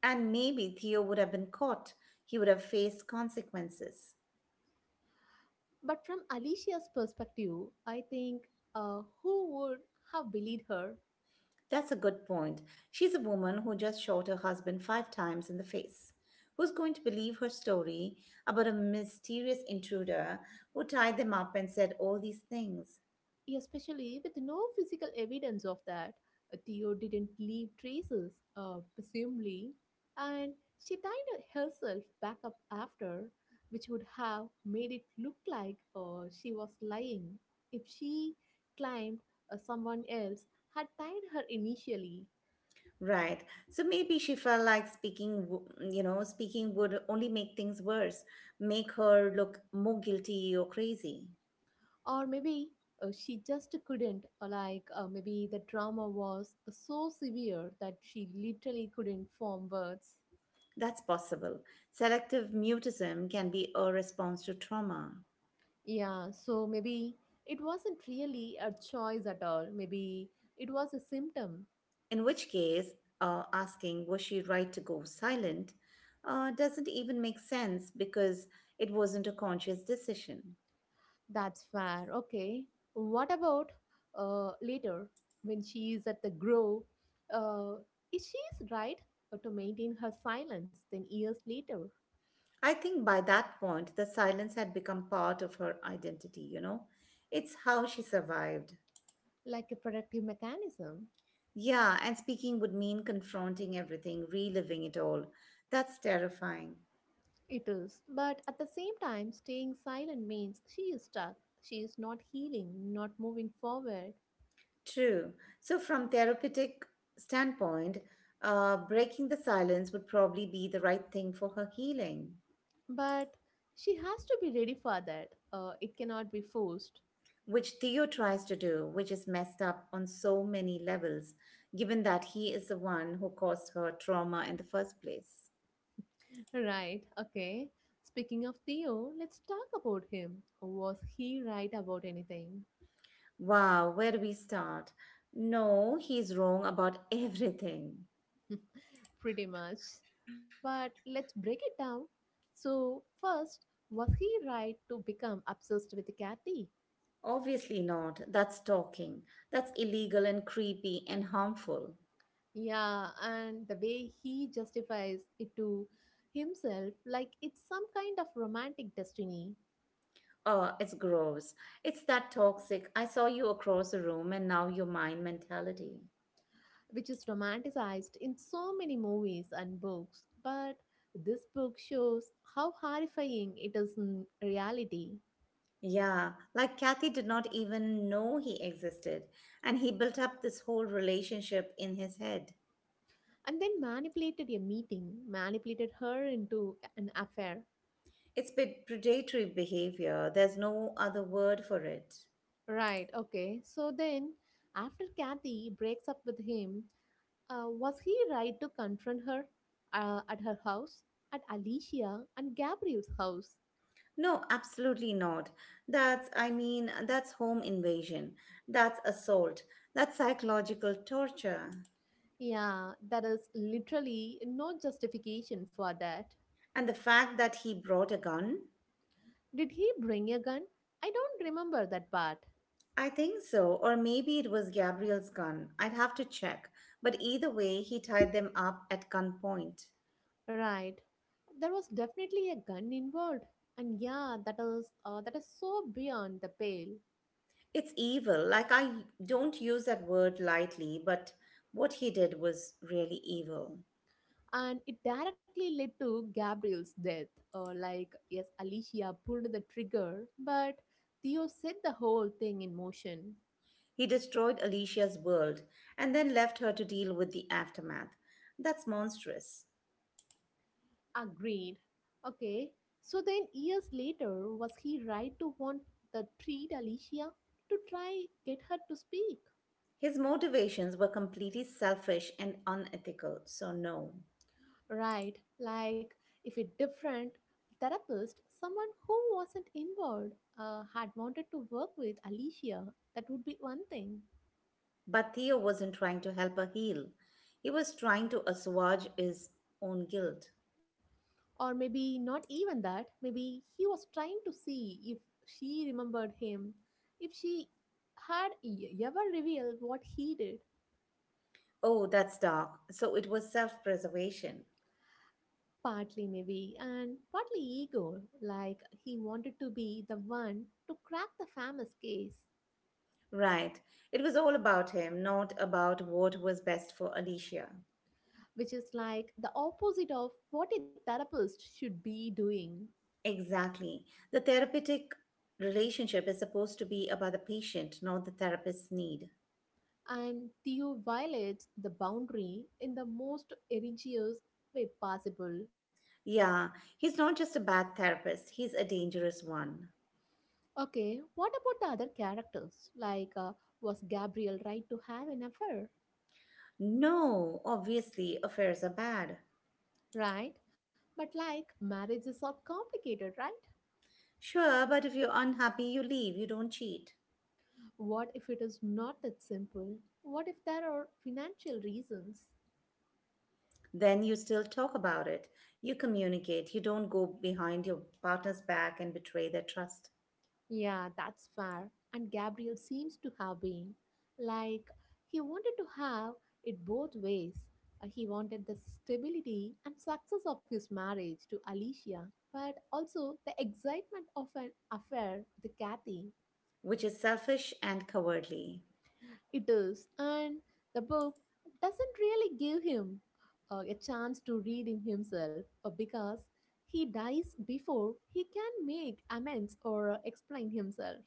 [SPEAKER 2] And maybe Theo would have been caught. He would have faced consequences.
[SPEAKER 1] But from Alicia's perspective, I think uh, who would have believed her?
[SPEAKER 2] That's a good point. She's a woman who just shot her husband five times in the face. Who's going to believe her story about a mysterious intruder who tied them up and said all these things?
[SPEAKER 1] Yeah, especially with no physical evidence of that. Theo didn't leave traces, uh, presumably, and she tied herself back up after, which would have made it look like uh, she was lying if she claimed uh, someone else had tied her initially.
[SPEAKER 2] Right. So maybe she felt like speaking, w- you know, speaking would only make things worse, make her look more guilty or crazy.
[SPEAKER 1] Or maybe uh, she just couldn't, or like uh, maybe the trauma was so severe that she literally couldn't form words.
[SPEAKER 2] That's possible. Selective mutism can be a response to trauma,
[SPEAKER 1] Yeah, so maybe it wasn't really a choice at all. Maybe it was a symptom.
[SPEAKER 2] in which case, uh, asking, was she right to go silent, uh, doesn't even make sense because it wasn't a conscious decision.
[SPEAKER 1] That's fair. Okay. What about uh, later when she is at the grove? Uh, is she's right uh, to maintain her silence then years later,
[SPEAKER 2] I think by that point, the silence had become part of her identity, you know? It's how she survived.
[SPEAKER 1] like a protective mechanism?
[SPEAKER 2] Yeah, and speaking would mean confronting everything, reliving it all. That's terrifying.
[SPEAKER 1] It is. But at the same time, staying silent means she is stuck. She is not healing, not moving forward.
[SPEAKER 2] True. So, from therapeutic standpoint, uh, breaking the silence would probably be the right thing for her healing,
[SPEAKER 1] But she has to be ready for that. Uh, it cannot be forced.
[SPEAKER 2] which Theo tries to do, which is messed up on so many levels, given that he is the one who caused her trauma in the first place.
[SPEAKER 1] Right, okay. Speaking of Theo, let's talk about him. Was he right about anything?
[SPEAKER 2] Wow, where do we start? No, he's wrong about everything.
[SPEAKER 1] Pretty much. But let's break it down. So, first, was he right to become obsessed with Kathy?
[SPEAKER 2] Obviously not. That's stalking. That's illegal and creepy and harmful.
[SPEAKER 1] Yeah, and the way he justifies it to himself, like it's some kind of romantic destiny.
[SPEAKER 2] Oh, it's gross. It's that toxic. I saw you across the room and now you're mine mentality.
[SPEAKER 1] Which is romanticized in so many movies and books. But this book shows how horrifying it is in reality.
[SPEAKER 2] Yeah, like Kathy did not even know he existed and he built up this whole relationship in his head.
[SPEAKER 1] And then manipulated a meeting, manipulated her into an affair.
[SPEAKER 2] It's pe- predatory behavior. There's no other word for it.
[SPEAKER 1] Right, okay. So then, after Kathy breaks up with him, uh, was he right to confront her uh, at her house, at Alicia and Gabriel's house?
[SPEAKER 2] No, absolutely not. That's, I mean, that's home invasion. That's assault. That's psychological torture.
[SPEAKER 1] Yeah, there is literally no justification for that.
[SPEAKER 2] And the fact that he brought a gun?
[SPEAKER 1] Did he bring a gun? I don't remember that part.
[SPEAKER 2] I think so. Or maybe it was Gabriel's gun. I'd have to check. But either way, he tied them up at gunpoint.
[SPEAKER 1] Right. There was definitely a gun involved. And yeah, that is uh, that is so beyond the pale.
[SPEAKER 2] It's evil. Like, I don't use that word lightly, but what he did was really evil.
[SPEAKER 1] And it directly led to Gabriel's death. Or like, yes, Alicia pulled the trigger, but Theo set the whole thing in motion.
[SPEAKER 2] He destroyed Alicia's world and then left her to deal with the aftermath. That's monstrous.
[SPEAKER 1] Agreed. Okay. So then years later, was he right to want the treat Alicia to try get her to speak?
[SPEAKER 2] His motivations were completely selfish and unethical, so no.
[SPEAKER 1] Right, like if a different therapist, someone who wasn't involved, uh, had wanted to work with Alicia, that would be one thing.
[SPEAKER 2] But Theo wasn't trying to help her heal. He was trying to assuage his own guilt.
[SPEAKER 1] Or maybe not even that. Maybe he was trying to see if she remembered him, if she had e- ever revealed what he did.
[SPEAKER 2] Oh, that's dark. So it was self preservation.
[SPEAKER 1] Partly, maybe, and partly ego, like he wanted to be the one to crack the famous case.
[SPEAKER 2] Right. It was all about him, not about what was best for Alicia.
[SPEAKER 1] Which is like the opposite of what a therapist should be doing.
[SPEAKER 2] Exactly. The therapeutic relationship is supposed to be about the patient, not the therapist's need.
[SPEAKER 1] And Theo violates the boundary in the most egregious way possible.
[SPEAKER 2] Yeah, he's not just a bad therapist, he's a dangerous one.
[SPEAKER 1] Okay, what about the other characters? Like, uh, was Gabriel right to have an affair?
[SPEAKER 2] No, obviously, affairs are bad.
[SPEAKER 1] Right? But like, marriages are complicated, right?
[SPEAKER 2] Sure, but if you're unhappy, you leave, you don't cheat.
[SPEAKER 1] What if it is not that simple? What if there are financial reasons?
[SPEAKER 2] Then you still talk about it. You communicate. You don't go behind your partner's back and betray their trust,
[SPEAKER 1] Yeah, that's fair. And Gabriel seems to have been like he wanted to have it both ways. Uh, he wanted the stability and success of his marriage to Alicia, but also the excitement of an affair with Kathy.
[SPEAKER 2] which is selfish and cowardly.
[SPEAKER 1] It is, and the book doesn't really give him uh, a chance to read in himself uh, because he dies before he can make amends or explain himself.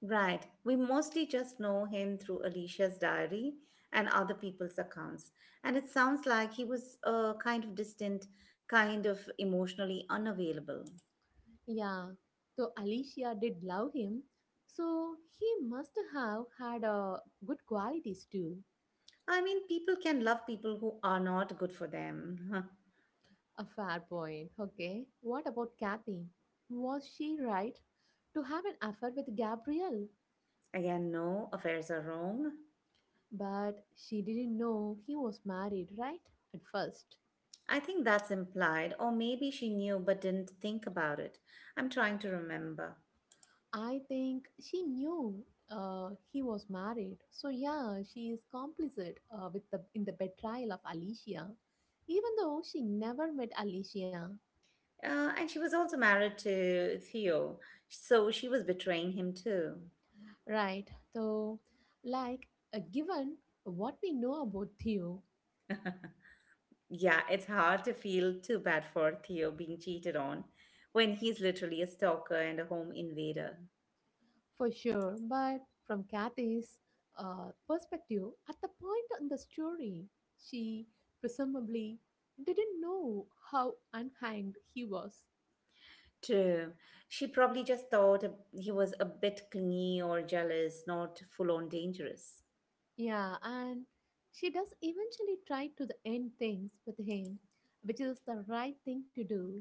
[SPEAKER 2] Right, we mostly just know him through Alicia's diary and other people's accounts. And it sounds like he was uh, kind of distant, kind of emotionally unavailable.
[SPEAKER 1] Yeah, so Alicia did love him, so he must have had uh, good qualities too.
[SPEAKER 2] I mean, people can love people who are not good for them.
[SPEAKER 1] A fair point. Okay, what about Kathy? Was she right to have an affair with Gabriel?
[SPEAKER 2] Again, no, affairs are wrong.
[SPEAKER 1] But she didn't know he was married, right? At first,
[SPEAKER 2] I think that's implied, or maybe she knew but didn't think about it. I'm trying to remember.
[SPEAKER 1] I think she knew uh, he was married. So yeah, she is complicit uh, with the in the betrayal of Alicia, even though she never met Alicia.
[SPEAKER 2] Uh, and she was also married to Theo, so she was betraying him too.
[SPEAKER 1] Right. So, like, uh, Given what we know about Theo,
[SPEAKER 2] Yeah, it's hard to feel too bad for Theo being cheated on when he's literally a stalker and a home invader.
[SPEAKER 1] for sure, but from Kathy's uh, perspective, at the point in the story, she presumably didn't know how unhanged he was.
[SPEAKER 2] True. She probably just thought he was a bit clingy or jealous, not full on dangerous.
[SPEAKER 1] Yeah, and she does eventually try to the end things with him, which is the right thing to do.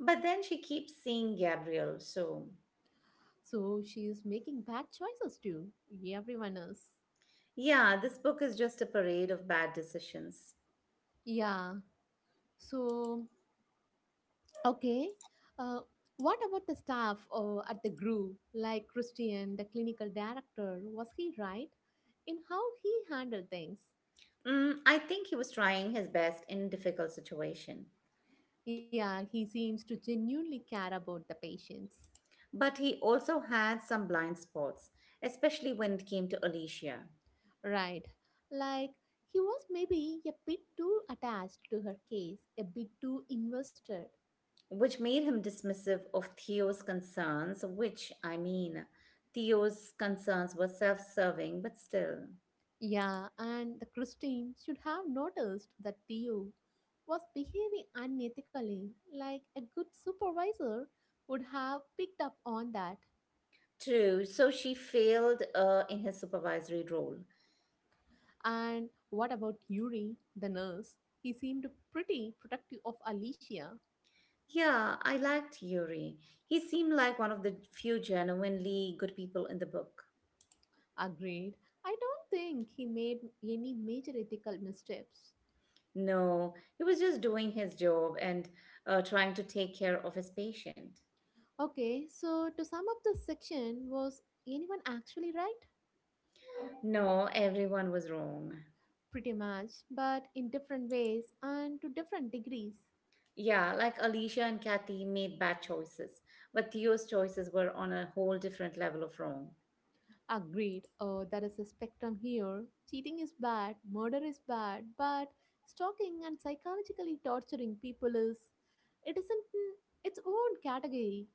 [SPEAKER 2] But then she keeps seeing Gabriel, so
[SPEAKER 1] So she is making bad choices too. Everyone is.
[SPEAKER 2] yeah, this book is just a parade of bad decisions.
[SPEAKER 1] Yeah. So Okay. Uh, what about the staff uh, at the Grove, like Christian, the clinical director? Was he right in how he handled things?
[SPEAKER 2] Mm, I think he was trying his best in a difficult situation.
[SPEAKER 1] Yeah, he seems to genuinely care about the patients.
[SPEAKER 2] But he also had some blind spots, especially when it came to Alicia,
[SPEAKER 1] Right. Like, he was maybe a bit too attached to her case, a bit too invested.
[SPEAKER 2] which made him dismissive of Theo's concerns, which, I mean, Theo's concerns were self serving, but still.
[SPEAKER 1] Yeah, and the Christine should have noticed that Theo was behaving unethically, like a good supervisor would have picked up on that.
[SPEAKER 2] True, so she failed uh, in his supervisory role.
[SPEAKER 1] And what about Yuri, the nurse? He seemed pretty protective of Alicia.
[SPEAKER 2] Yeah, I liked Yuri. He seemed like one of the few genuinely good people in the book.
[SPEAKER 1] Agreed. I don't think he made any major ethical missteps.
[SPEAKER 2] No, he was just doing his job and uh, trying to take care of his patient.
[SPEAKER 1] Okay, so to sum up this section, was anyone actually right?
[SPEAKER 2] No, everyone was wrong.
[SPEAKER 1] Pretty much, but in different ways and to different degrees.
[SPEAKER 2] Yeah, like Alicia and Kathy made bad choices, but Theo's choices were on a whole different level of wrong.
[SPEAKER 1] Agreed, uh, there is a spectrum here. Cheating is bad, murder is bad, but stalking and psychologically torturing people is. It isn't in its own category.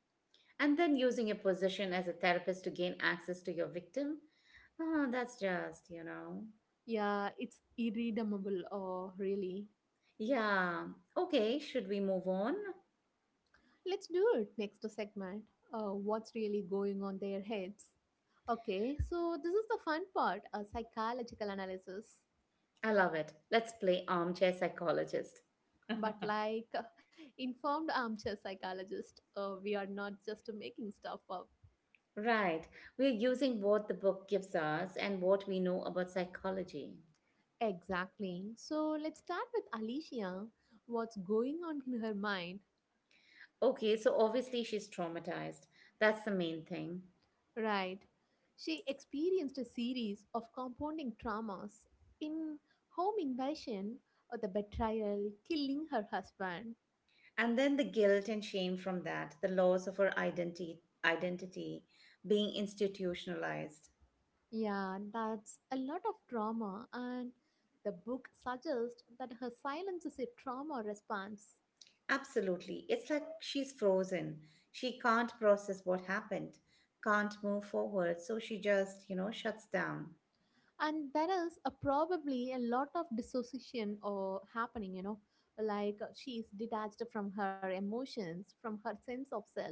[SPEAKER 2] And then using your position as a therapist to gain access to your victim? Oh, that's just, you know.
[SPEAKER 1] Yeah, it's irredeemable, uh, really.
[SPEAKER 2] Yeah. Okay, should we move on?
[SPEAKER 1] Let's do it next segment. Uh, what's really going on their heads? Okay, so this is the fun part a psychological analysis.
[SPEAKER 2] I love it. Let's play armchair psychologist.
[SPEAKER 1] But like informed armchair psychologist, uh, we are not just making stuff up.
[SPEAKER 2] Right. We're using what the book gives us and what we know about psychology.
[SPEAKER 1] Exactly. So let's start with Alicia. What's going on in her mind?
[SPEAKER 2] Okay, so obviously she's traumatized. That's the main thing.
[SPEAKER 1] Right. She experienced a series of compounding traumas in home invasion, or the betrayal, killing her husband.
[SPEAKER 2] And then the guilt and shame from that, the loss of her identity, identity being institutionalized.
[SPEAKER 1] Yeah, that's a lot of trauma, and the book suggests that her silence is a trauma response.
[SPEAKER 2] Absolutely. It's like she's frozen. She can't process what happened, can't move forward, so she just, you know, shuts down.
[SPEAKER 1] And there is a probably a lot of dissociation or happening, you know, like uh, she is detached from her emotions, from her sense of self.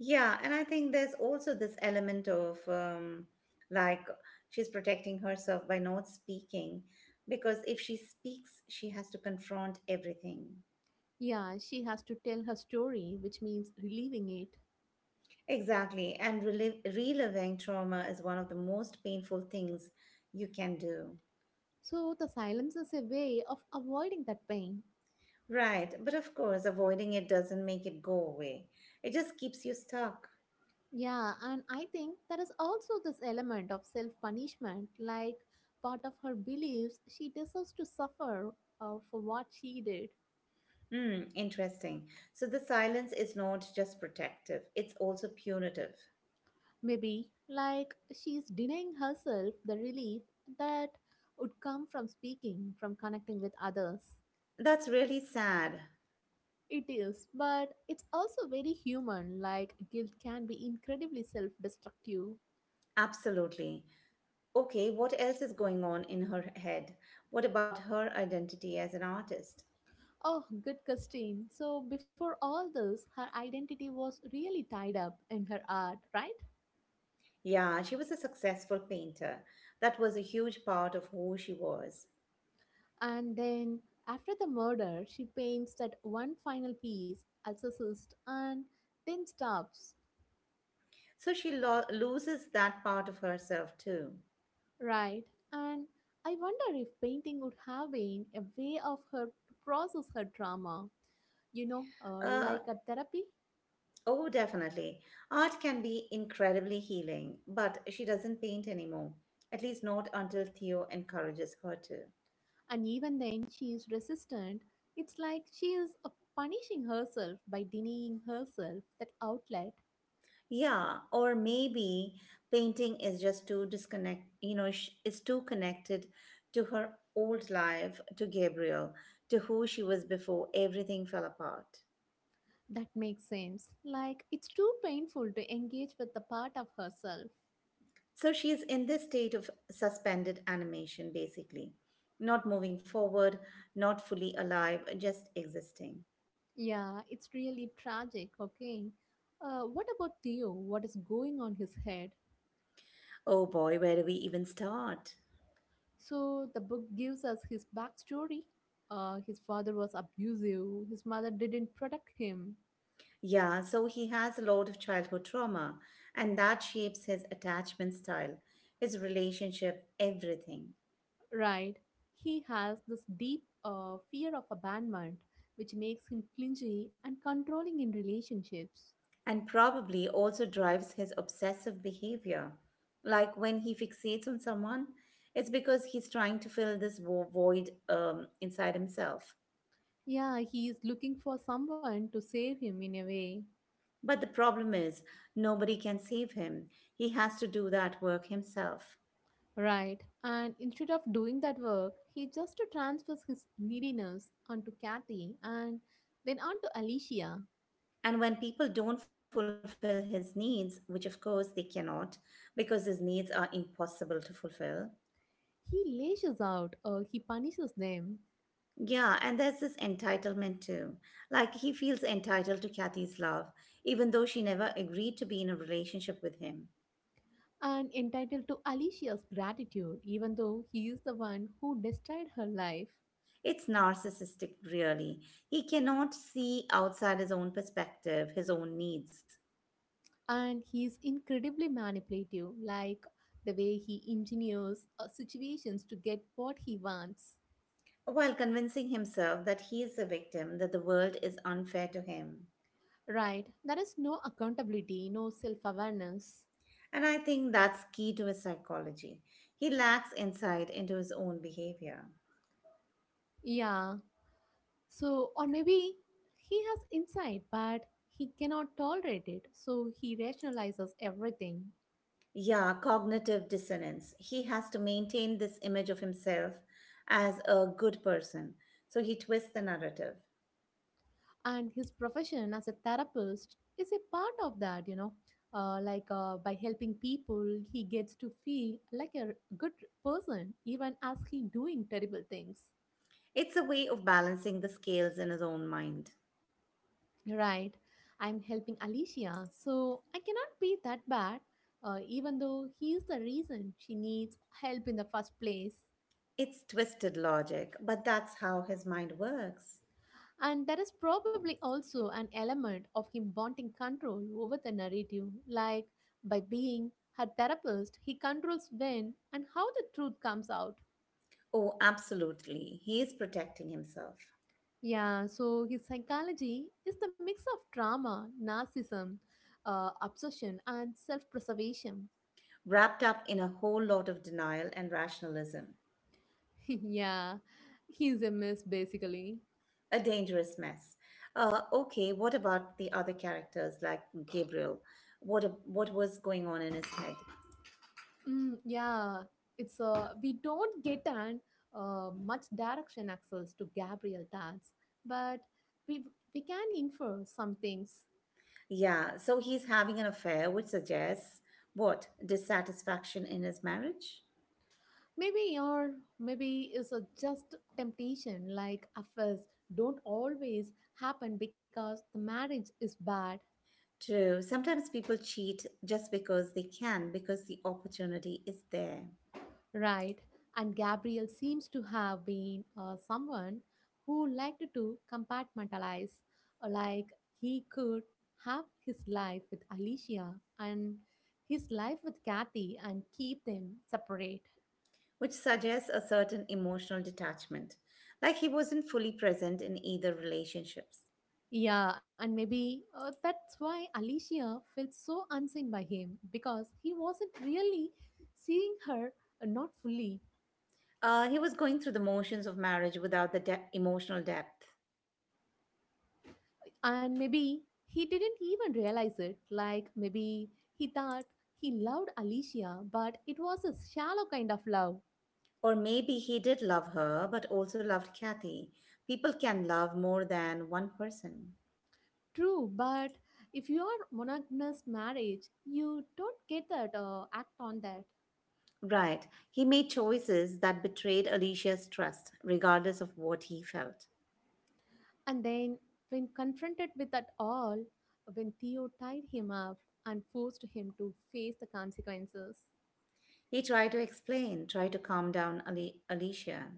[SPEAKER 2] Yeah, and I think there's also this element of um, like she's protecting herself by not speaking because if she speaks, she has to confront everything.
[SPEAKER 1] Yeah, she has to tell her story, which means relieving it.
[SPEAKER 2] Exactly. And relive, reliving trauma is one of the most painful things you can do.
[SPEAKER 1] So the silence is a way of avoiding that pain.
[SPEAKER 2] Right. But of course, avoiding it doesn't make it go away, it just keeps you stuck.
[SPEAKER 1] Yeah, and I think there is also this element of self punishment, like part of her believes she deserves to suffer uh, for what she did.
[SPEAKER 2] Hmm, interesting. So the silence is not just protective, it's also punitive.
[SPEAKER 1] Maybe, like she's denying herself the relief that would come from speaking, from connecting with others.
[SPEAKER 2] That's really sad.
[SPEAKER 1] It is, but it's also very human, like guilt can be incredibly self destructive.
[SPEAKER 2] Absolutely. Okay, what else is going on in her head? What about her identity as an artist?
[SPEAKER 1] Oh, good Christine. So, before all this, her identity was really tied up in her art, right?
[SPEAKER 2] Yeah, she was a successful painter. That was a huge part of who she was.
[SPEAKER 1] And then, after the murder, she paints that one final piece, Exorcist, and then stops.
[SPEAKER 2] So she lo- loses that part of herself too.
[SPEAKER 1] Right. And I wonder if painting would have been a way of her to process her trauma, you know, uh,
[SPEAKER 2] Uh,
[SPEAKER 1] like a therapy.
[SPEAKER 2] oh, definitely. Art can be incredibly healing, but she doesn't paint anymore, at least not until Theo encourages her to.
[SPEAKER 1] And even then, she is resistant. It's like she is uh, punishing herself by denying herself that outlet.
[SPEAKER 2] Yeah, or maybe painting is just too disconnect, you know, sh is too connected to her old life, to Gabriel, to who she was before everything fell apart.
[SPEAKER 1] That makes sense. Like, it's too painful to engage with the part of herself.
[SPEAKER 2] So she is in this state of suspended animation, basically, not moving forward, not fully alive, just existing.
[SPEAKER 1] Yeah, it's really tragic, okay? Uh, what about Theo? What is going on his head?
[SPEAKER 2] Oh boy, where do we even start?
[SPEAKER 1] So the book gives us his backstory. Uh, his father was abusive. His mother didn't protect him.
[SPEAKER 2] Yeah, so he has a lot of childhood trauma, and that shapes his attachment style, his relationship, everything.
[SPEAKER 1] Right. He has this deep uh, fear of abandonment, which makes him clingy and controlling in relationships.
[SPEAKER 2] And probably also drives his obsessive behavior. Like when he fixates on someone, it's because he's trying to fill this vo- void um, inside himself.
[SPEAKER 1] Yeah, he is looking for someone to save him in a way.
[SPEAKER 2] But the problem is, nobody can save him. He has to do that work himself.
[SPEAKER 1] Right. And instead of doing that work, he just transfers his neediness onto Kathy and then onto Alicia.
[SPEAKER 2] And when people don't fulfill his needs, which of course they cannot, because his needs are impossible to fulfill,
[SPEAKER 1] He lashes out or he punishes them,
[SPEAKER 2] yeah, and there's this entitlement too. Like he feels entitled to Kathy's love, even though she never agreed to be in a relationship with him.
[SPEAKER 1] and entitled to Alicia's gratitude, even though he is the one who destroyed her life.
[SPEAKER 2] It's narcissistic, really. He cannot see outside his own perspective, his own needs,
[SPEAKER 1] And he is incredibly manipulative, like the way he engineers uh, situations to get what he wants.
[SPEAKER 2] while convincing himself that he is the victim, that the world is unfair to him.
[SPEAKER 1] Right, there is no accountability, no self awareness.
[SPEAKER 2] And I think that's key to his psychology. He lacks insight into his own behavior.
[SPEAKER 1] Yeah, so, or maybe he has insight, but he cannot tolerate it, so he rationalizes everything.
[SPEAKER 2] Yeah, cognitive dissonance. He has to maintain this image of himself as a good person, so he twists the narrative.
[SPEAKER 1] And his profession as a therapist is a part of that, you know, uh, like uh, by helping people he gets to feel like a good person even as he doing terrible things.
[SPEAKER 2] It's a way of balancing the scales in his own mind.
[SPEAKER 1] Right, I'm helping Alicia, so I cannot be that bad, uh, even though he is the reason she needs help in the first place.
[SPEAKER 2] It's twisted logic, but that's how his mind works.
[SPEAKER 1] And there is probably also an element of him wanting control over the narrative, like by being her therapist, he controls when and how the truth comes out.
[SPEAKER 2] Oh, absolutely. He is protecting himself,
[SPEAKER 1] Yeah, so his psychology is the mix of trauma, narcissism, uh, obsession, and self preservation.
[SPEAKER 2] wrapped up in a whole lot of denial and rationalism.
[SPEAKER 1] Yeah, he's a mess basically.
[SPEAKER 2] A dangerous mess. Uh, okay, what about the other characters like Gabriel? What, what was going on in his head?
[SPEAKER 1] Mm, yeah, it's uh, we don't get an uh, much direction access to Gabriel Tats, but we we can infer some things.
[SPEAKER 2] Yeah, so he's having an affair, which suggests what? Dissatisfaction in his marriage?
[SPEAKER 1] Maybe or maybe it's a just temptation. Like affairs don't always happen because the marriage is bad.
[SPEAKER 2] True. Sometimes people cheat just because they can, because the opportunity is there,
[SPEAKER 1] Right. And Gabriel seems to have been uh, someone who liked to compartmentalize, uh, like he could have his life with Alicia and his life with Kathy and keep them separate.
[SPEAKER 2] which suggests a certain emotional detachment, like he wasn't fully present in either relationships.
[SPEAKER 1] Yeah, and maybe uh, that's why Alicia felt so unseen by him, because he wasn't really seeing her, uh, not fully.
[SPEAKER 2] Uh, he was going through the motions of marriage without the de- emotional depth.
[SPEAKER 1] And maybe he didn't even realize it. Like maybe he thought he loved Alicia, but it was a shallow kind of love.
[SPEAKER 2] Or maybe he did love her, but also loved Kathy. People can love more than one person.
[SPEAKER 1] True, but if you are monogamous marriage, you don't get that uh, act on that.
[SPEAKER 2] Right. He made choices that betrayed Alicia's trust, regardless of what he felt.
[SPEAKER 1] And then when confronted with that all, when Theo tied him up and forced him to face the consequences.
[SPEAKER 2] He tried to explain, tried to calm down Ali- Alicia,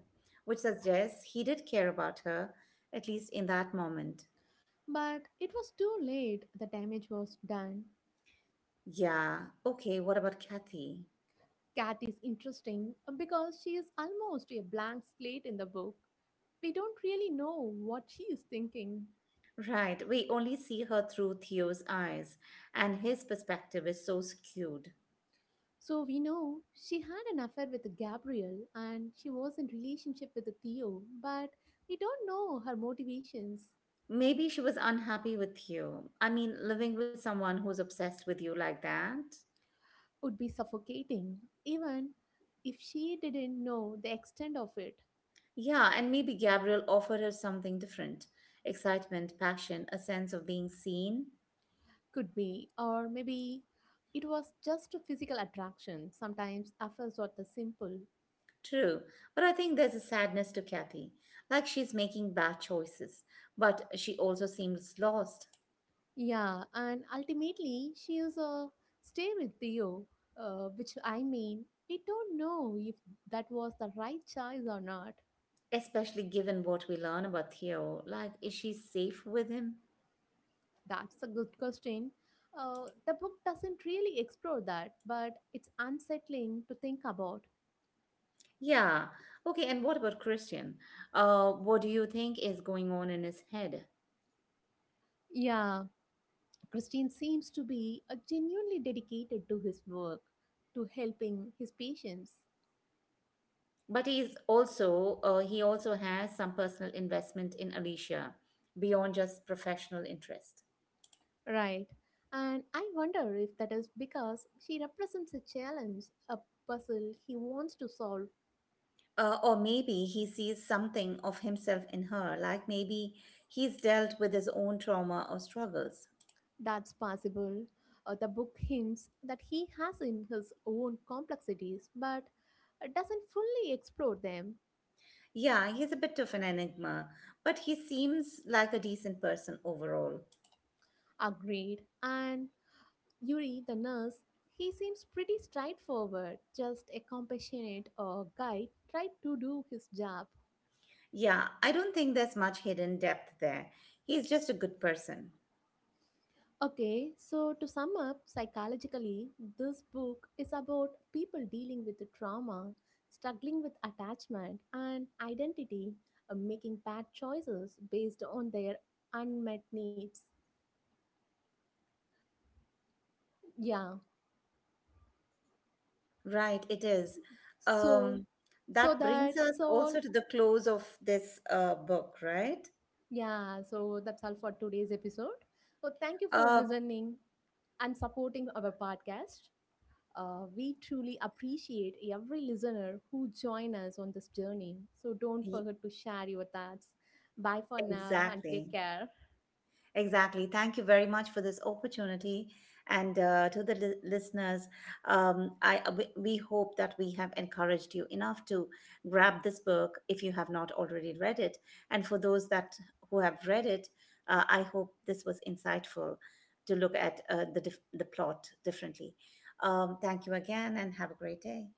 [SPEAKER 2] which suggests he did care about her, at least in that moment.
[SPEAKER 1] But it was too late. The damage was done.
[SPEAKER 2] Yeah, okay, what about Kathy?
[SPEAKER 1] Cat is interesting uh, because she is almost a blank slate in the book. We don't really know what she is thinking.
[SPEAKER 2] Right, we only see her through Theo's eyes, and his perspective is so skewed.
[SPEAKER 1] So we know she had an affair with Gabriel and she was in relationship with Theo, but we don't know her motivations
[SPEAKER 2] Maybe she was unhappy with Theo. I mean, living with someone who's obsessed with you like that.
[SPEAKER 1] would be suffocating even if she didn't know the extent of it.
[SPEAKER 2] Yeah, and maybe Gabriel offered her something different excitement, passion, a sense of being seen.
[SPEAKER 1] Could be or maybe it was just a physical attraction. Sometimes affairs are the simple.
[SPEAKER 2] True, but I think there's a sadness to Kathy, like she's making bad choices, but she also seems lost,
[SPEAKER 1] Yeah, and ultimately, she is a stay with Theo, uh, which I mean, we don't know if that was the right choice or not.
[SPEAKER 2] especially given what we learn about Theo. Like, is she safe with him?
[SPEAKER 1] That's a good question. Uh, the book doesn't really explore that, but it's unsettling to think about.
[SPEAKER 2] Yeah, okay, and what about Christian? Uh, what do you think is going on in his head?
[SPEAKER 1] Yeah, Christine seems to be uh, genuinely dedicated to his work, to helping his patients.
[SPEAKER 2] But he's also uh, he also has some personal investment in Alicia beyond just professional interest.
[SPEAKER 1] Right. And I wonder if that is because she represents a challenge, a puzzle he wants to solve.
[SPEAKER 2] Uh, or maybe he sees something of himself in her, like maybe he's dealt with his own trauma or struggles.
[SPEAKER 1] That's possible. Uh, the book hints that he has in his own complexities, but doesn't fully explore them.
[SPEAKER 2] Yeah, he's a bit of an enigma, but he seems like a decent person overall.
[SPEAKER 1] Agreed. And Yuri, the nurse, he seems pretty straightforward, just a compassionate uh, guy tried to do his job.
[SPEAKER 2] Yeah, I don't think there's much hidden depth there. He's just a good person.
[SPEAKER 1] Okay, so to sum up, psychologically, this book is about people dealing with trauma, struggling with attachment and identity, uh, making bad choices based on their unmet needs. Yeah.
[SPEAKER 2] Right, it
[SPEAKER 1] S-
[SPEAKER 2] is.
[SPEAKER 1] So,
[SPEAKER 2] Um,
[SPEAKER 1] so
[SPEAKER 2] that brings us
[SPEAKER 1] that's all.
[SPEAKER 2] also to the close of this uh, book, right?
[SPEAKER 1] Yeah, so that's all for today's episode. So, thank you for
[SPEAKER 2] Uh,
[SPEAKER 1] listening and supporting our podcast. Uh, we truly appreciate every listener who join us on this journey. So don't
[SPEAKER 2] y-
[SPEAKER 1] forget to share your thoughts. Bye for now and
[SPEAKER 2] exactly.
[SPEAKER 1] take care.
[SPEAKER 2] Exactly. Thank you very much for this opportunity. And uh, to the li- listeners, um, I uh, we, we hope that we have encouraged you enough to grab this book if you have not already read it. And for those that who have read it, uh, I hope this was insightful to look at uh, the dif- the plot differently. Um, thank you again, and have a great day.